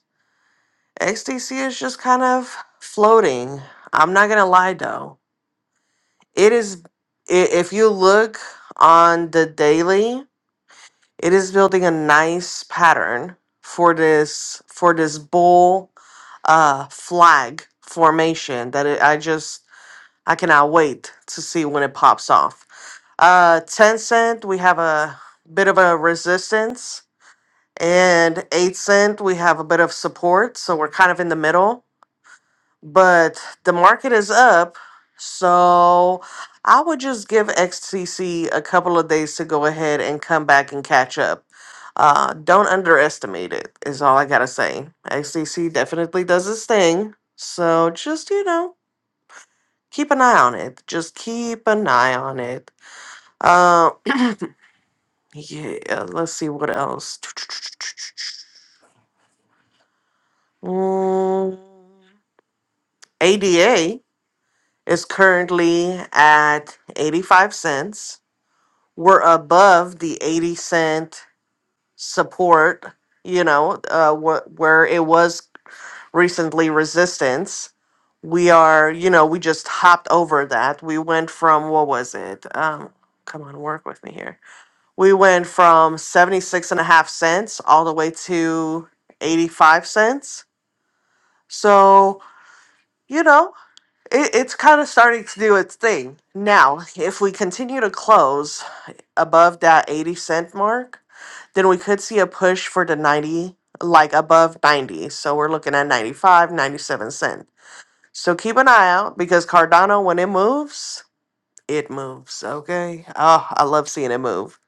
B: XDC is just kind of floating. I'm not gonna lie though. It is, i- if you look on the daily, it is building a nice pattern for this for this bull uh flag formation that it, I just I cannot wait to see when it pops off. Uh, ten cent, we have a bit of a resistance, and eight cent, we have a bit of support. So we're kind of in the middle but the market is up. So I would just give XTC a couple of days to go ahead and come back and catch up. Uh, don't underestimate it, is all I got to say. XTC definitely does its thing. So just, you know, keep an eye on it. Just keep an eye on it. Uh, yeah, let's see what else. Mm, ADA is currently at 85 cents. were above the 80 cent support, you know, uh, wh- where it was recently resistance. We are, you know, we just hopped over that. We went from, what was it? Um, come on, work with me here. We went from 76 and a half cents all the way to 85 cents. So, you know, it, it's kind of starting to do its thing. Now, if we continue to close above that 80 cent mark, then we could see a push for the 90 like above 90 so we're looking at ninety-five, ninety-seven cent so keep an eye out because cardano when it moves it moves okay oh i love seeing it move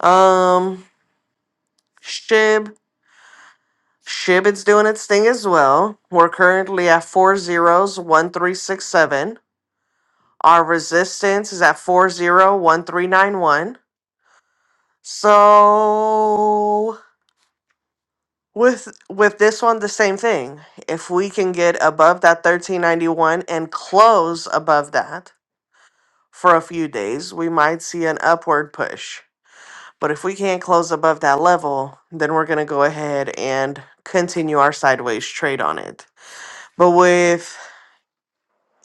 B: um shib shib it's doing its thing as well we're currently at four zeros one three six seven our resistance is at four zero one three nine one so With with this one, the same thing. If we can get above that 1391 and close above that for a few days, we might see an upward push. But if we can't close above that level, then we're going to go ahead and continue our sideways trade on it. But with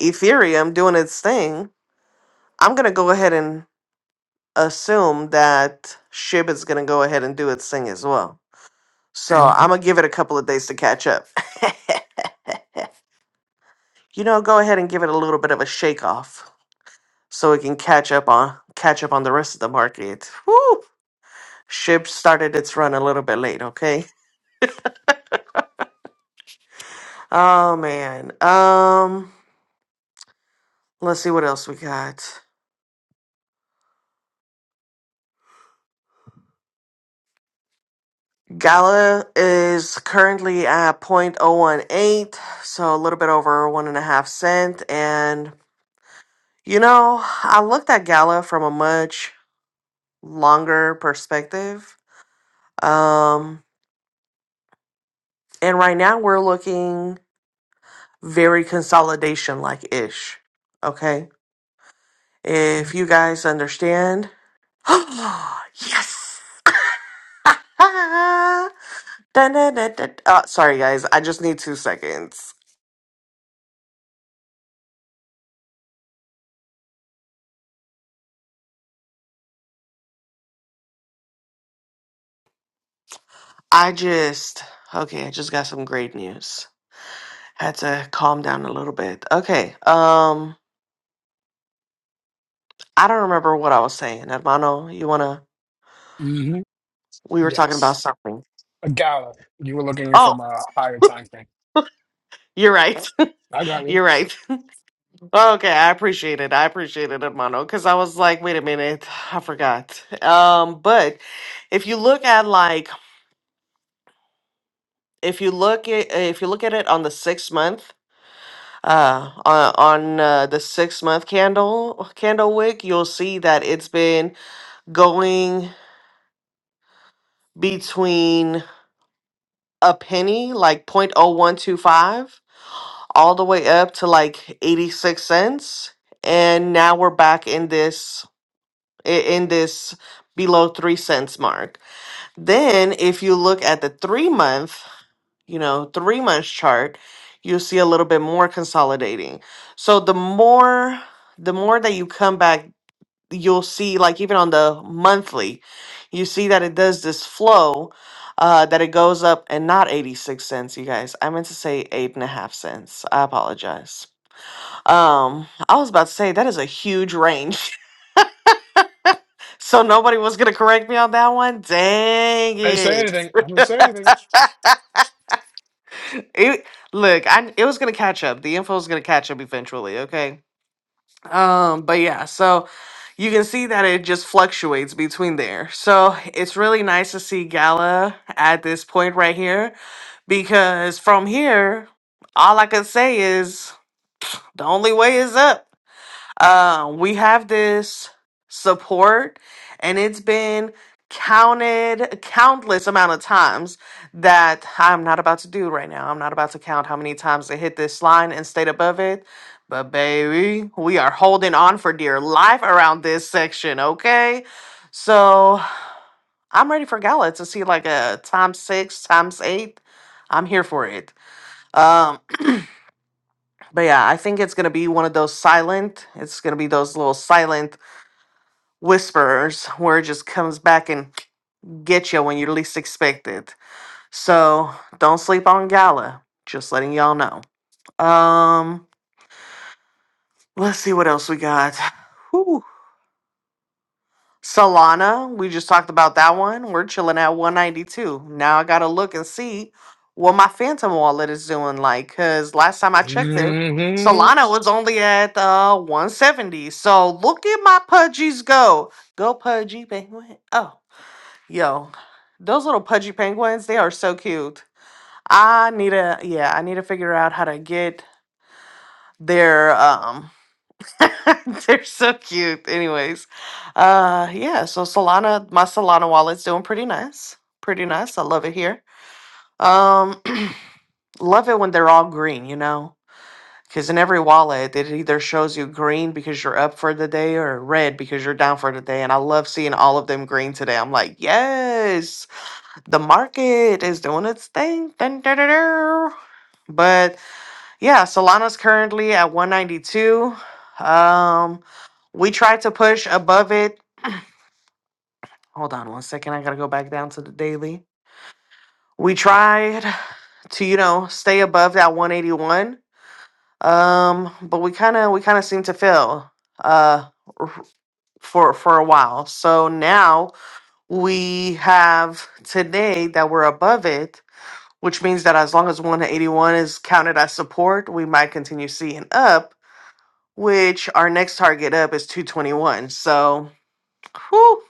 B: Ethereum doing its thing, I'm going to go ahead and assume that SHIB is going to go ahead and do its thing as well. So And I'm going to give it a couple of days to catch up. you know, go ahead and give it a little bit of a shake off so it can catch up on catch up on the rest of the market. Woo! Ship started its run a little bit late, okay? Oh man. Um let's see what else we got. Gala is currently at point oh one eight, so a little bit over one and a half cent. And you know, I looked at Gala from a much longer perspective. Um and right now we're looking very consolidation like ish. Okay? If you guys understand, yes! Dun, dun, dun, dun. Uh, sorry, guys. I just need two seconds. I just, okay, I just got some great news. Had to calm down a little bit. Okay, um, I don't remember what I was saying. Hermano, you wanna,
A: Mm-hmm.
B: we were talking about
A: Yes.
B: something.
A: A gala. You were looking
B: Oh,
A: from a higher time thing.
B: you're right.
A: I got me.
B: You're right. Okay, I appreciate it. I appreciate it, Hermano, because I was like, wait a minute, I forgot. Um, but if you look at like if you look at if you look at it on the six month uh on, on uh, the six month candle candle wick, you'll see that it's been going between a penny, like point oh one two five, all the way up to like 86 cents. And now we're back in this. i- in this below three cents mark. Then, if you look at the three month, you know, three months chart, you'll see a little bit more consolidating. So the more, the more that you come back, you'll see like even on the monthly, you see that it does this flow, uh, that it goes up and not 86 cents, you guys. I meant to say eight and a half cents. I apologize. Um, I was about to say that is a huge range. So nobody was gonna correct me on that one. Dang
A: I didn't say
B: it!
A: anything. I didn't say anything.
B: It look, I it was gonna catch up. The info was gonna catch up eventually. Okay. Um, but yeah, so you can see that it just fluctuates between there. So it's really nice to see Gala at this point right here because from here, all I can say is the only way is up. Uh, we have this support, and it's been counted countless amount of times that I'm not about to do right now. I'm not about to count how many times it hit this line and stayed above it. But baby, we are holding on for dear life around this section, okay? So I'm ready for Gala to see like a times six, times eight. I'm here for it. Um, but yeah, I think it's gonna be one of those silent. It's gonna be those little silent whisperers where it just comes back and get you when you least expect it. So don't sleep on Gala. Just letting y'all know. Um, let's see what else we got. Whew. Solana, we just talked about that one. We're chilling at 192. Now I gotta look and see what my Phantom wallet is doing like, cause last time I checked it,
A: hmm I'm
B: Solana was only at uh 170. So look at my pudgies go. Go pudgy, baby. Oh. Yo, those little pudgy penguins, they are so cute. I need to, yeah, I need to figure out how to get their, um, they're so cute. Anyways, uh, yeah, so Solana, my Solana wallet's doing pretty nice. Pretty nice. I love it here. Um, love it when they're all green, you know? Because in every wallet, it either shows you green because you're up for the day or red because you're down for the day. And I love seeing all of them green today. I'm like, yes. the market is doing its thing. Dun, dun, dun, dun. But yeah, Solana's currently at 192. Um, we tried to push above it. Hold on one second. I got to go back down to the daily. We tried to, you know, stay above that 181. Um, but we kind of we kind of seem to fail uh r- for for a while. So now we have today that we're above it which means that as long as one 81 is counted as support, we might continue seeing up, which our next target up is 221. So, whew,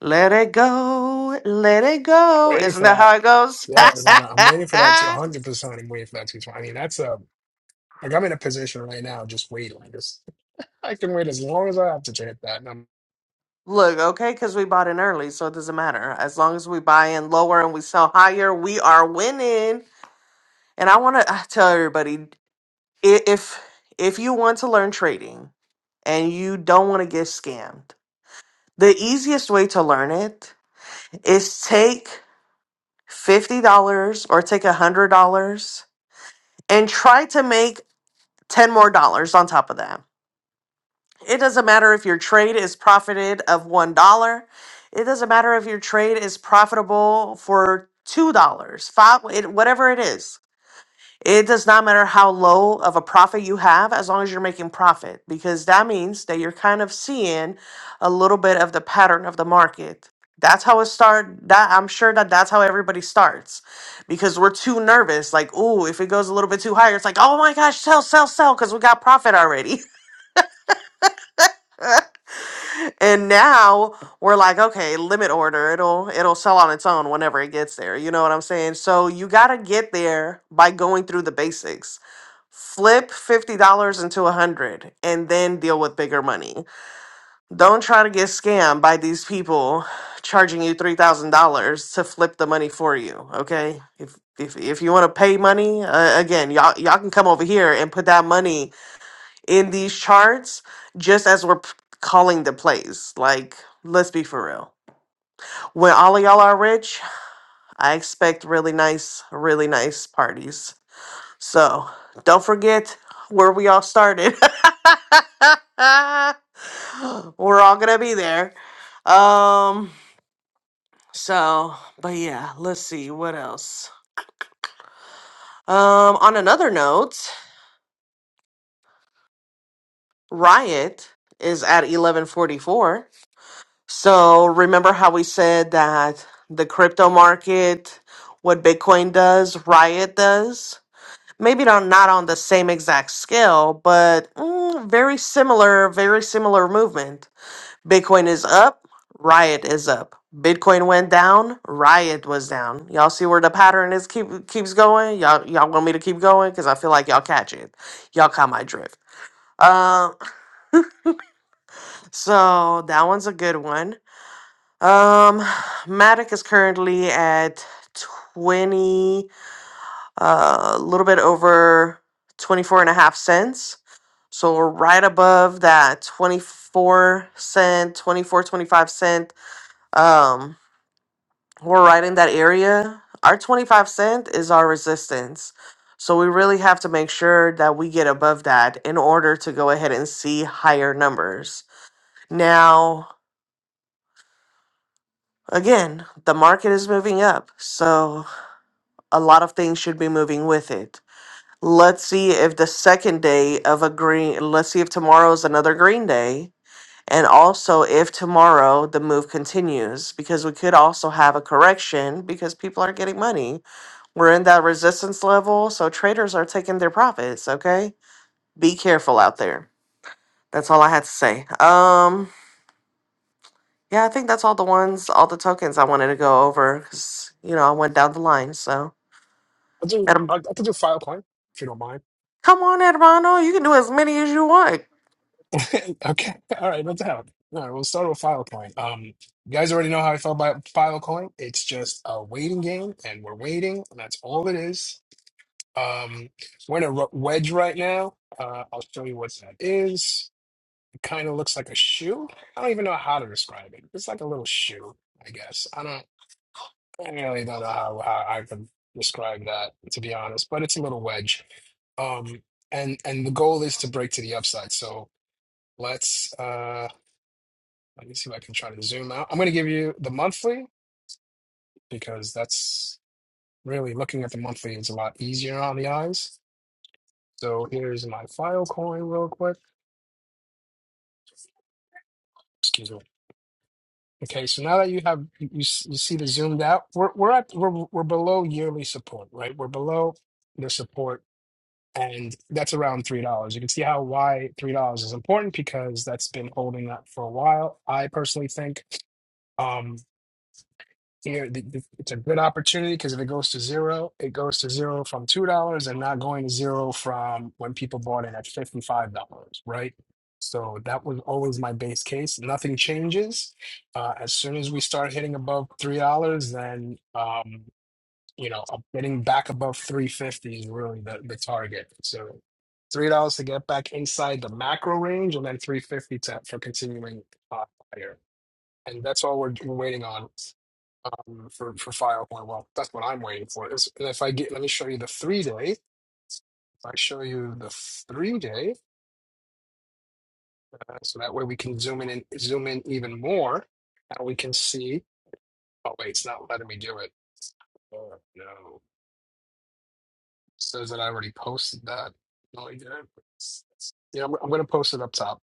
B: let it go, let it go.
A: waiting
B: Isn't
A: for
B: that
A: that.
B: how it goes?
A: Yeah, Ivana, I'm waiting for that to 100%. I'm waiting for that to. expire. I mean, that's a like I'm in a position right now just waiting. Like this, I can wait as long as I have to to hit that. And I'm,
B: Look, okay, because we bought in early, so it doesn't matter. As long as we buy in lower and we sell higher, we are winning. And I want to tell everybody i- if if you want to learn trading and you don't want to get scammed, the easiest way to learn it is take $50 or take $100 and try to make 10 more dollars on top of that. It doesn't matter if your trade is profited of $1. It doesn't matter if your trade is profitable for $2, dollars, 5 it, whatever it is It does not matter how low of a profit you have as long as you're making profit because that means that you're kind of seeing a little bit of the pattern of the market. That's how it start that I'm sure that that's how everybody starts because we're too nervous like oh if it goes a little bit too higher it's like oh my gosh sell sell sell cuz we got profit already. and now we're like okay limit order it'll it'll sell on its own whenever it gets there. You know what I'm saying? So you got to get there by going through the basics flip $50 into a 100 and then deal with bigger money don't try to get scammed by these people charging you $3000 to flip the money for you okay if if, if you want to pay money uh, again y'all y'all can come over here and put that money in these charts just as we're p- calling the plays like let's be for real when all of y'all are rich i expect really nice really nice parties so don't forget where we all started. We're all gonna be there. Um, so, but yeah, let's see what else. Um, on another note, Riot is at 1144. So remember how we said that the crypto market, what Bitcoin does, Riot does? Maybe not, not on the same exact scale, but mm, very similar, very similar movement. Bitcoin is up, Riot is up. Bitcoin went down, Riot was down. Y'all see where the pattern is keep keeps going? Y'all y'all want me to keep going cuz I feel like y'all catch it. Y'all caught my drift. Um so that one's a good one. Um Matic is currently at 20 Uh, a little bit over 24 and a half cents. So we're right above that 24 cent, 24 25 cent. Um. we're right in that area, our 25 cent is our resistance. So we really have to make sure that we get above that in order to go ahead and see higher numbers. Now, again, the market is moving up, so a lot of things should be moving with it. Let's see if the second day of a green, let's see if tomorrow is another green day. And also, if tomorrow the move continues, because we could also have a correction because people are getting money We're in that resistance level, so traders are taking their profits, okay? Be careful out there. That's all I had to say. Um yeah, I think that's all the ones, all the tokens I wanted to go over cuz you know, I went down the line, so.
A: I'll do
B: Adam,
A: I'll, I can do Filecoin if you don't mind.
B: come on, Hermano, you can do as many as you want.
A: Okay, all right, let's have. it. All right, we'll start with Filecoin. Um, you guys already know how I felt about Filecoin. It's just a waiting game, and we're waiting, and that's all it is. Um, we're in a ro- wedge right now. Uh, I'll show you what that is. kind of looks like a shoe. I don't even know how to describe it. It's like a little shoe, I guess. I don't, I really don't know how, how I could describe that, to be honest, but it's a little wedge. Um, and and the goal is to break to the upside. So let's uh let me see if I can try to zoom out. I'm gonna give you the monthly because that's really looking at the monthly is a lot easier on the eyes. So here's my file coin real quick. Excuse me. Okay, so now that you have you, you s- you see the zoomed out, we're we're at we're we're below yearly support, right? We're below the support, and that's around three dollars. You can see how why three dollars is important because that's been holding up for a while. I personally think. Um, here, the, the, it's a good opportunity because if it goes to zero, it goes to zero from two dollars, and not going to zero from when people bought it at fifty-five dollars, right? So that was always my base case. Nothing changes. Uh, as soon as we start hitting above three dollars, then um, you know, uh, getting back above three fifty is really the the target. So three dollars to get back inside the macro range, and then three fifty to for continuing uh, higher. And that's all we're, we're waiting on um, for for file Well, that's what I'm waiting for. Is and if I get, let me show you the three day. If I show you the three day, uh, so that way we can zoom in and zoom in even more, and we can see. Oh wait, it's not letting me do it. Oh no, It says that I already posted that. No, I didn't. Yeah, I'm, I'm gonna post it up top.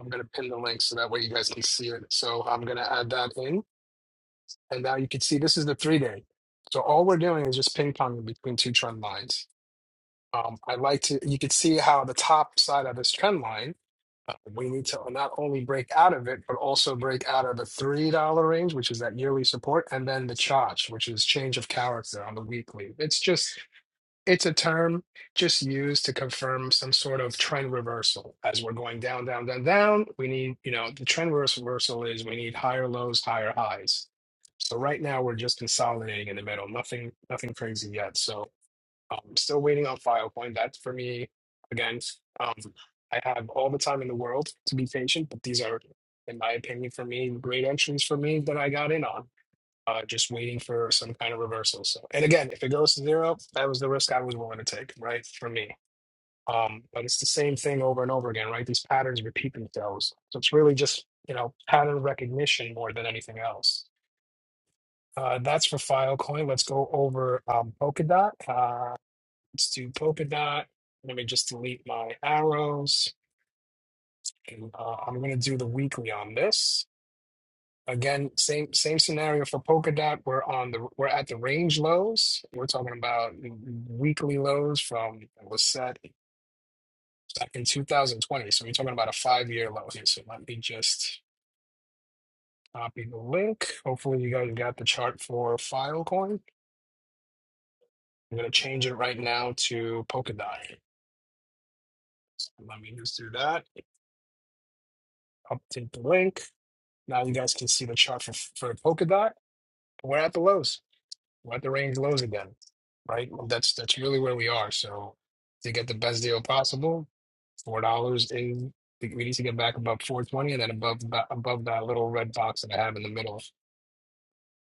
A: I'm gonna pin the link so that way you guys can see it. So I'm gonna add that in, and now you can see this is the three day. So all we're doing is just ping ponging between two trend lines. Um, i like to, you can see how the top side of this trend line, uh, we need to not only break out of it, but also break out of the $3 range, which is that yearly support, and then the charge, which is change of character on the weekly. It's just, it's a term just used to confirm some sort of trend reversal. As we're going down, down, down, down, we need, you know, the trend reversal is we need higher lows, higher highs. So right now we're just consolidating in the middle, nothing, nothing crazy yet. So i still waiting on Filecoin. That's for me, again, um, I have all the time in the world to be patient, but these are, in my opinion, for me, great entries for me that I got in on. Uh, just waiting for some kind of reversal. So, and again, if it goes to zero, that was the risk I was willing to take, right? For me. Um, but it's the same thing over and over again, right? These patterns repeat themselves. So it's really just, you know, pattern recognition more than anything else. Uh, that's for Filecoin. Let's go over um, Polkadot. Uh, Let's do polka dot. Let me just delete my arrows. And, Uh, I'm going to do the weekly on this. Again, same same scenario for polka dot. We're on the we're at the range lows. We're talking about weekly lows from it was set back in 2020. So we're talking about a five year low here. So let me just copy the link. Hopefully you guys got the chart for Filecoin. I'm going to change it right now to polka dot. So let me just do that. Update the link Now you guys can see the chart for for polka dot. We're at the lows. We're at the range lows again, right? Well, That's that's really where we are. So to get the best deal possible, four dollars is we need to get back above four twenty, and then above that above that little red box that I have in the middle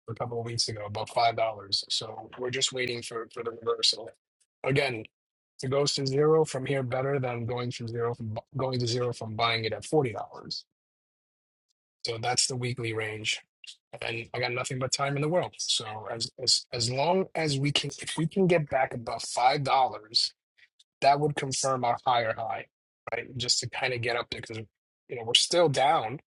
A: a couple of weeks ago, above five dollars. So we're just waiting for for the reversal. Again, to go to zero from here better than going from zero from bu- going to zero from buying it at forty dollars. So that's the weekly range. And I got nothing but time in the world. So as as as long as we can if we can get back above five dollars, that would confirm our higher high, right? Just to kind of get up there because you know we're still down,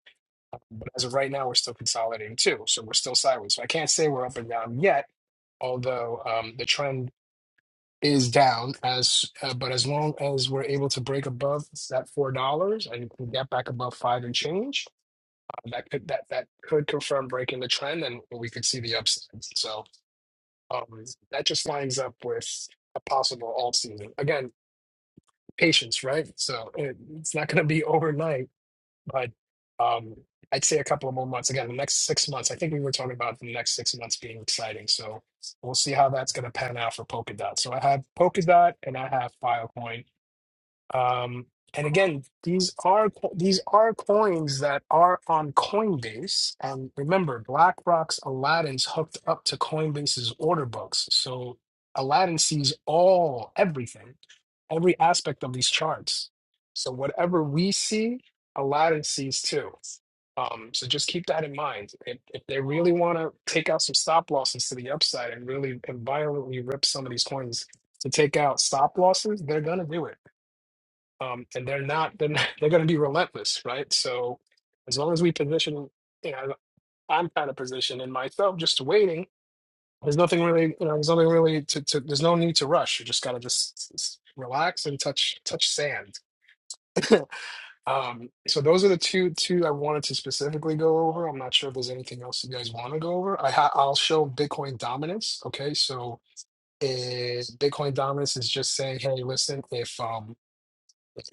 A: but as of right now we're still consolidating too. So we're still sideways. So I can't say we're up and down yet, although um the trend is down as uh, but as long as we're able to break above that four dollars and can get back above five and change that could that that could confirm breaking the trend and we could see the upside. So um, that just lines up with a possible alt season. Again, patience, right? So it, it's not going to be overnight, but um, I'd say a couple of more months. Again, the next six months. I think we were talking about the next six months being exciting. So we'll see how that's going to pan out for Polkadot. So I have Polkadot and I have Filecoin um, and again, these are co- these are coins that are on Coinbase. And remember, BlackRock's Aladdin's hooked up to Coinbase's order books, so Aladdin sees all everything, every aspect of these charts. So whatever we see, Aladdin sees too. Um, so just keep that in mind. If, if they really want to take out some stop losses to the upside and really and violently rip some of these coins to take out stop losses, they're gonna do it um, and they're not they're not, they're going to be relentless, right? So as long as we position, you know, I'm kind of positioning myself just waiting. There's nothing really, you know, there's nothing really to, to there's no need to rush. You just got to just s- relax and touch touch sand. um, so those are the two two I wanted to specifically go over. I'm not sure if there's anything else you guys want to go over. I ha- I'll show Bitcoin dominance. Okay, so is Bitcoin dominance is just saying, hey, listen, if um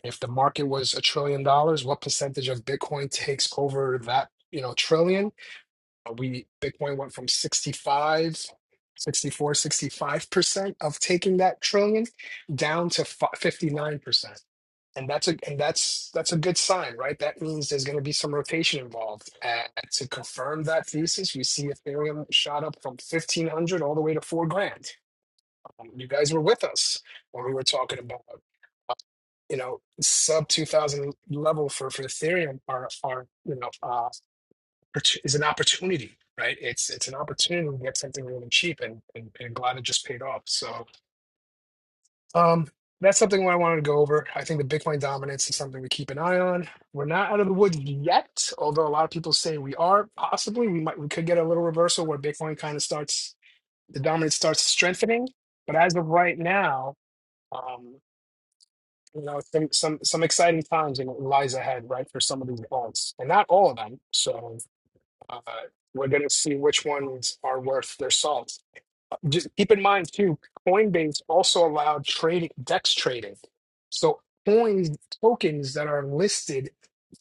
A: if the market was a trillion dollars, what percentage of Bitcoin takes over that, you know, trillion? Uh, We Bitcoin went from sixty five, sixty four, sixty five percent of taking that trillion down to fi- 59%. And that's a and that's that's a good sign, right? That means there's going to be some rotation involved. And to confirm that thesis, we see Ethereum shot up from 1500 all the way to 4 grand. Um, you guys were with us when we were talking about you know sub 2000 level for for ethereum are are you know uh opportu- is an opportunity right it's it's an opportunity to get something really cheap and and, and glad it just paid off so um that's something I wanted to go over. I think the Bitcoin dominance is something to keep an eye on. We're not out of the woods yet, although a lot of people say we are. Possibly, we might we could get a little reversal where Bitcoin kind of starts the dominance starts strengthening. But as of right now, Um, you know some some some exciting times and it lies ahead right for some of these bonds and not all of them so uh, we're going to see which ones are worth their salt just keep in mind too coinbase also allowed trading dex trading so coins tokens that are listed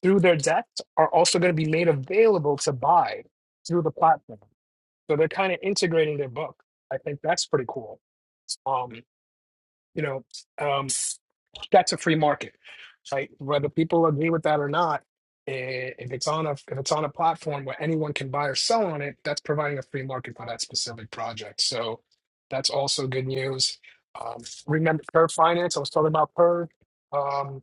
A: through their dex are also going to be made available to buy through the platform so they're kind of integrating their book i think that's pretty cool um you know um, that's a free market, right? Whether people agree with that or not, eh, if it's on a if it's on a platform where anyone can buy or sell on it, that's providing a free market for that specific project. So that's also good news. Um, remember Curve Finance? I was talking about Curve. Um,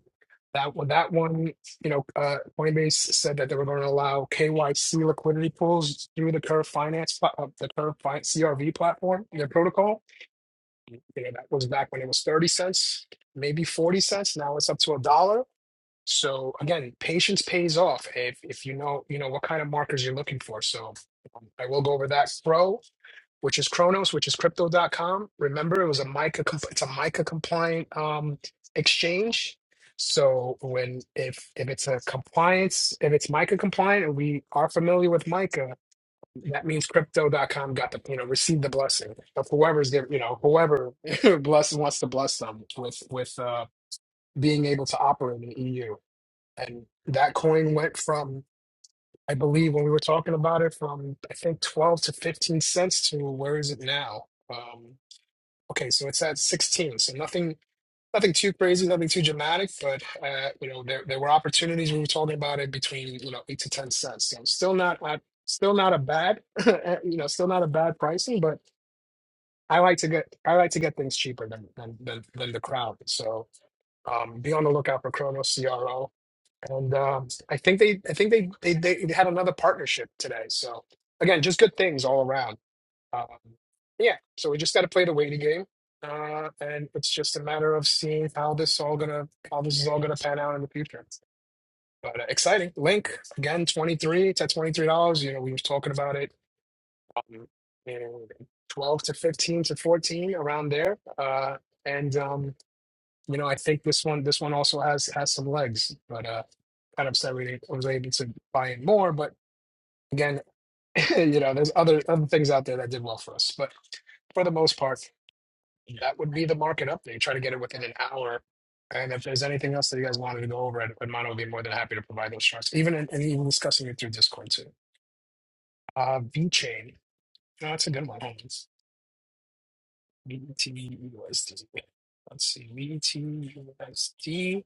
A: that one, that one, you know, uh, Coinbase said that they were going to allow KYC liquidity pools through the Curve Finance, pla- uh, the Curve Fin- CRV platform, their protocol you know, that was back when it was 30 cents, maybe 40 cents. Now it's up to a dollar. So again, patience pays off if if you know, you know what kind of markers you're looking for. So um, I will go over that. Pro, which is Chronos, which is Crypto. dot com. Remember, it was a MiCA, comp- it's a MiCA compliant um, exchange. So when if if it's a compliance, if it's MiCA compliant, and we are familiar with MiCA, that means crypto dot com got the you know received the blessing of whoever's giv you know whoever blesses wants to bless them with with uh being able to operate in the EU and that coin went from I believe when we were talking about it from I think 12 to 15 cents to where is it now um okay so it's at 16 so nothing nothing too crazy, nothing too dramatic, but uh, you know, there there were opportunities we were talking about it between, you know, eight to ten cents. So still not at still not a bad you know, still not a bad pricing, but I like to get I like to get things cheaper than than than, than the crowd. So um be on the lookout for Chronos CRO. And um I think they I think they they they had another partnership today. So again, just good things all around. Um, yeah, so we just got to play the waiting game, uh, and it's just a matter of seeing how this all gonna how this is all gonna pan out in the future. But uh, exciting link again, twenty three to twenty three dollars. You know, we was talking about it, um, you know, twelve to fifteen to fourteen around there, uh, and um, you know, I think this one this one also has has some legs. But uh, kind of upset we didn't- was able to buy in more, but again. you know, there's other other things out there that did well for us, but for the most part that would be the market update. Try to get it within an hour. And if there's anything else that you guys wanted to go over, Ed- Edmondo would be more than happy to provide those charts, even in, and even discussing it through Discord too. Uh, V chain. No, that's a good one. Hold on. VETUSD. Let's see. VETUSD.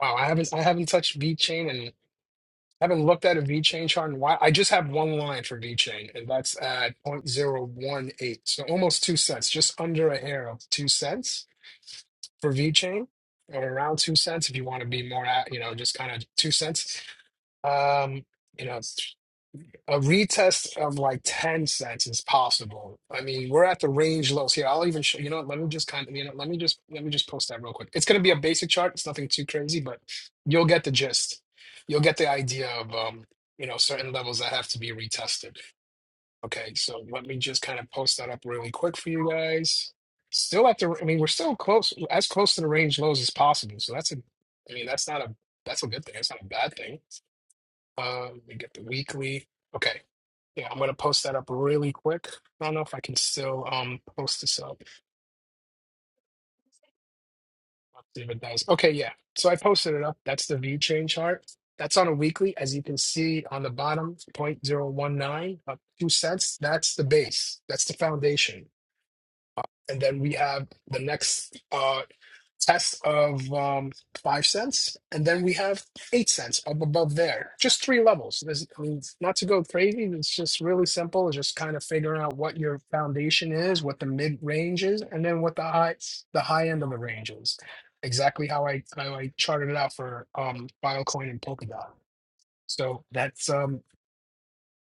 A: Wow, I haven't I haven't touched V chain and haven't looked at a V chain chart in a while. I just have one line for V chain, and that's at 0.018. So almost two cents, just under a hair of two cents for VeChain at around two cents if you want to be more at, you know, just kind of two cents. Um, you know, a retest of like 10 cents is possible. I mean, we're at the range lows here. I'll even show, you know, what, let me just kind of, you know, let me just, let me just post that real quick. It's going to be a basic chart. It's nothing too crazy, but you'll get the gist. You'll get the idea of, um, you know, certain levels that have to be retested. Okay, so let me just kind of post that up really quick for you guys. Still at the, I mean, we're still close, as close to the range lows as possible. So that's a, I mean, that's not a, that's a good thing. It's not a bad thing. Uh, we get the weekly. Okay, yeah, I'm gonna post that up really quick. I don't know if I can still um post this up. Let's see if it does. Okay, yeah. So I posted it up. That's the V chain chart. That's on a weekly, as you can see on the bottom, 0.019, up two cents. That's the base. That's the foundation and then we have the next uh, test of um, five cents, and then we have eight cents up above there. Just three levels. There's, I mean, not to go crazy. It's just really simple. It's just kind of figuring out what your foundation is, what the mid range is, and then what the high the high end of the range is. Exactly how I how I charted it out for um, Filecoin and Polkadot. So that's um,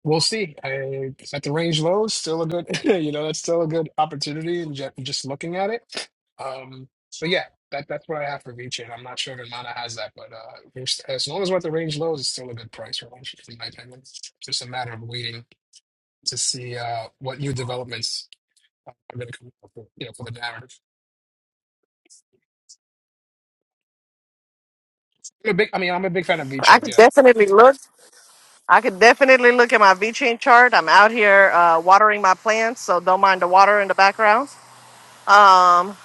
A: We'll see. I, at the range low, still a good, you know, that's still a good opportunity and just, just looking at it. Um, so yeah, that that's what I have for VChain. I'm not sure if Mana has that, but uh, we're s- as long as we're at the range lows, it's still a good price range, in my opinion. It's just a matter of waiting to see uh, what new developments are going to come up with, you know, for the narrative. I'm a big, I mean, I'm a big fan of
B: I
A: VChain.
B: could
A: Yeah,
B: definitely look. I could definitely look at my VChain chart. I'm out here uh, watering my plants, so don't mind the water in the background. Um,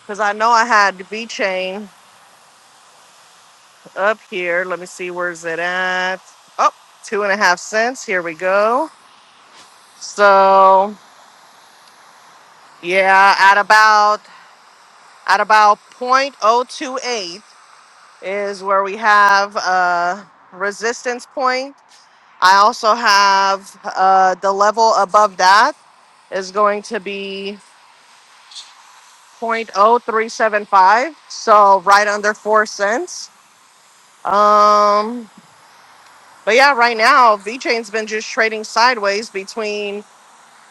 B: because I know I had VChain. up here. Let me see where's it at. Oh, two and a half cents. Here we go. So yeah, at about at about point oh two eight is where we have uh resistance point. I also have uh the level above that is going to be point oh three seven five. so right under four cents. Um but yeah, right now V Chain's been just trading sideways between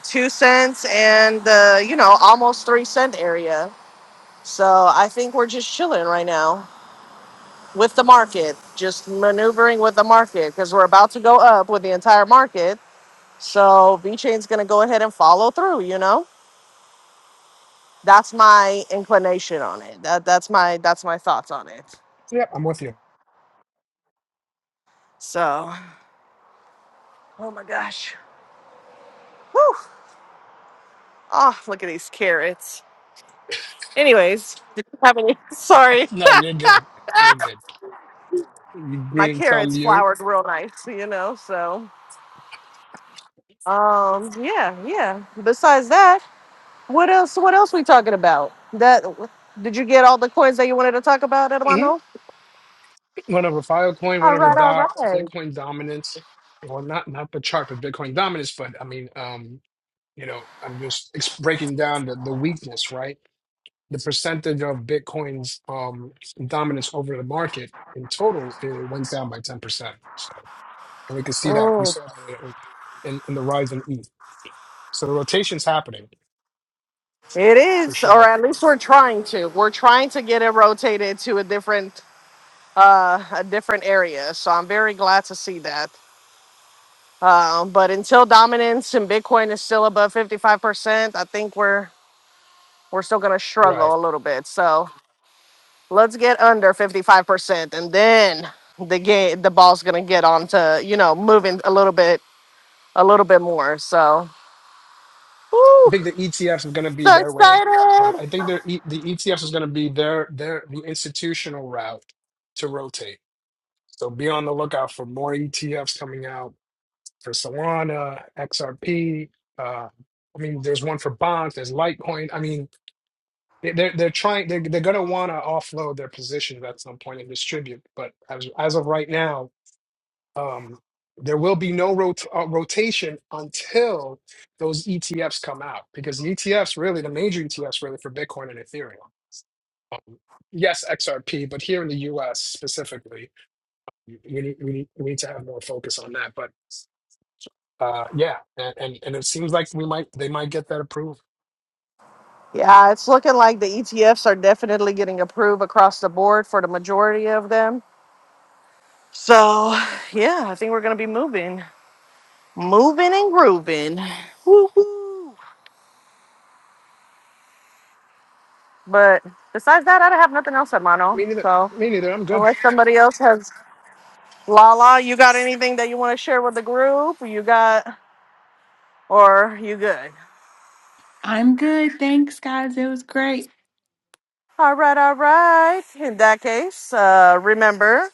B: two cents and the you know almost three cent area so i think we're just chilling right now with the market just maneuvering with the market because we're about to go up with the entire market so v chain's going to go ahead and follow through you know that's my inclination on it that, that's my that's my thoughts on it
A: yeah, I'm with you.
B: so oh my gosh Whew. oh look at these carrots anyways did you have any sorry
A: No, you're good. You're good. You
B: my
A: Green thumb,
B: carrots
A: you.
B: flowered real nice you know so Um, yeah, yeah. Besides that, what else? What else we talking about? That did you get all the coins that you wanted to talk about,
A: Mm-hmm.
B: Edwano?
A: whenever Filecoin,
B: All
A: whenever
B: right, all
A: Doc,
B: right.
A: Bitcoin dominance, well, not not the chart, but Bitcoin dominance. But I mean, um, you know, I'm just ex- breaking down the, the weakness, right? The percentage of Bitcoin's um, dominance over the market in total, it went down by 10%. So, and we can see that we
B: Mm,
A: saw that in, in the rise in ETH. So the rotation's happening
B: it
A: for
B: is, or
A: sure.
B: at least we're trying to. We're trying to get it rotated to a different, uh, a different area. So I'm very glad to see that. Um, but until dominance and Bitcoin is still above 55%, I think we're we're still gonna
A: Right.
B: struggle a little bit. So let's get under 55% and then the game the ball's gonna get on to you know moving a little bit a little bit more so
A: I
B: woo,
A: think the ETFs are going to be
B: so
A: their way. And
B: excited
A: I think their E- the ETFs is going to be their their the institutional route to rotate. So be on the lookout for more ETFs coming out for Solana, XRP. Uh, I mean, there's one for bonds. There's Litecoin. I mean, they- they're they're trying. They're, they're going to want to offload their positions at some point and distribute. But as as of right now, um, there will be no rot- uh, rotation until those ETFs come out because the ETFs really the major ETFs really for Bitcoin and Ethereum. Um, yes, XRP, but here in the U.S. specifically, we need we need, we need to have more focus on that. But uh, yeah, and, and and it seems like we might they might get that approved.
B: yeah it's looking like the etfs are definitely getting approved across the board for the majority of them so yeah i think we're gonna be moving moving and grooving Woo-hoo. but besides that i don't have nothing else at mono
A: Me neither.
B: so
A: Me neither. I'm good.
B: unless somebody else has Lala, you got anything that you want to share with the group? You got Or you good?
C: I'm good. Thanks, guys. It was great.
B: All right, all right. In that case, uh, remember,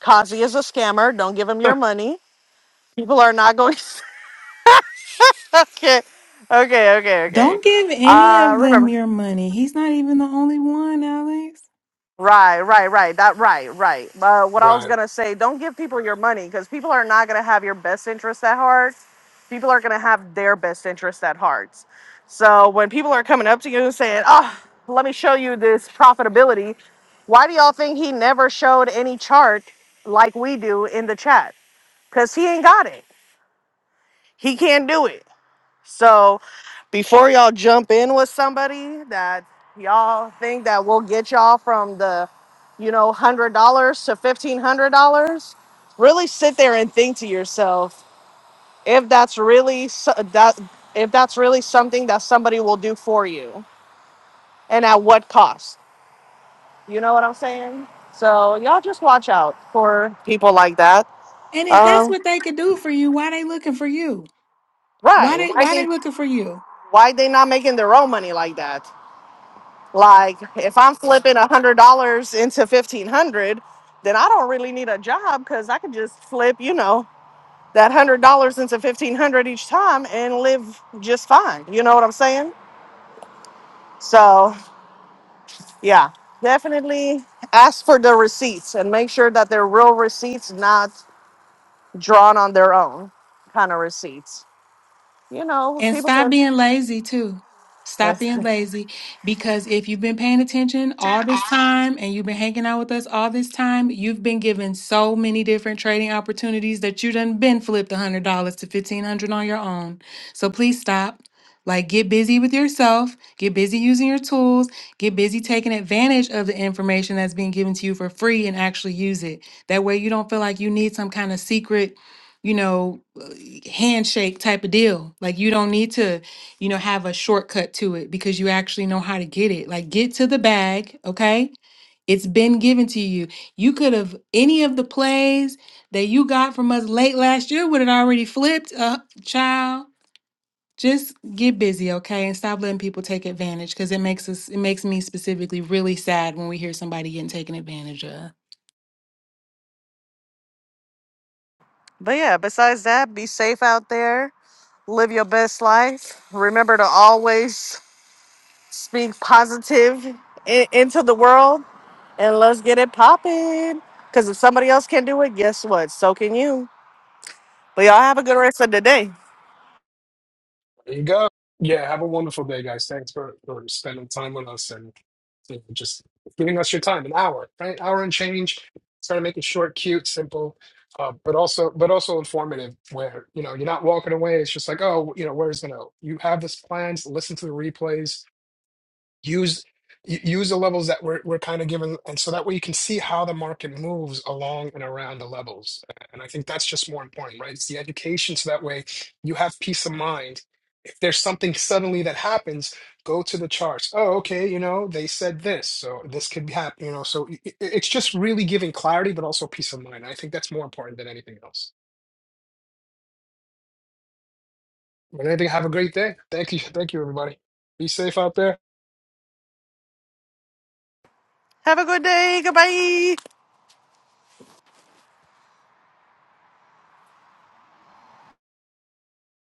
B: Kazi is a scammer. Don't give him your money. People are not going. okay, okay, okay, okay.
C: Don't give any
B: Uh,
C: of
B: remember.
C: them your money. He's not even the only one, Alex.
B: Right, right, right. That right, right. Uh, what I
A: right.
B: was gonna say, don't give people your money because people are not gonna have your best interest at heart. People are gonna have their best interest at heart. So when people are coming up to you and saying, "Oh, let me show you this profitability," why do y'all think he never showed any chart like we do in the chat? Because he ain't got it. He can't do it. So before y'all jump in with somebody that y'all think that will get y'all from the, you know, hundred dollars to fifteen hundred dollars, really sit there and think to yourself if that's really so- that if that's really something that somebody will do for you and at what cost. You know what I'm saying? So y'all just watch out for people like that.
C: And if that's
B: Um,
C: what they could do for you, why they looking for you? Why
B: right?
C: they
B: Why
C: why
B: they
C: they looking for you?
B: why they not making their own money like that? Like if I'm flipping a hundred dollars into fifteen hundred, then I don't really need a job because I could just flip, you know, that hundred dollars into fifteen hundred each time and live just fine. You know what I'm saying? So yeah, definitely ask for the receipts and make sure that they're real receipts, not drawn on their own kind of receipts. You know,
C: And
B: people
C: stop
B: can.
C: being lazy too. Stop
B: That's-
C: being lazy because if you've been paying attention all this time and you've been hanging out with us all this time, you've been given so many different trading opportunities that you done been flipped $100 to 1500 on your own. So please stop. Like, get busy with yourself, get busy using your tools, get busy taking advantage of the information that's being given to you for free and actually use it. That way, you don't feel like you need some kind of secret, you know, handshake type of deal. Like you don't need to, you know, have a shortcut to it because you actually know how to get it. Like get to the bag, okay? It's been given to you. You could have any of the plays that you got from us late last year would have already flipped uh child. Just get busy, okay? And stop letting people take advantage because it makes us it makes me specifically really sad when we hear somebody getting taken advantage of.
B: But yeah, besides that, be safe out there. Live your best life. Remember to always Speak positive i- into the world and let's get it popping. Because if somebody else can do it, guess what? So can you. But y'all have a good rest of the day.
A: There you go. Yeah, have a wonderful day, guys. Thanks for, for spending time with us and you know, just giving us your time, an hour, right? Hour and change. Try to make it short, cute, simple, uh, but also but also informative where, you know, you're not walking away. It's just like, oh, you know, where's gonna you have this plans, listen to the replays use u- use the levels that we're, we're kind of given and so that way you can see how the market moves along and around the levels and i think that's just more important right it's the education so that way you have peace of mind if there's something suddenly that happens go to the charts oh okay you know they said this so this could be happening you know so i- i- it's just really giving clarity but also peace of mind i think that's more important than anything else but anything have a great day thank you thank you everybody be safe out there
B: Have a good day. Goodbye.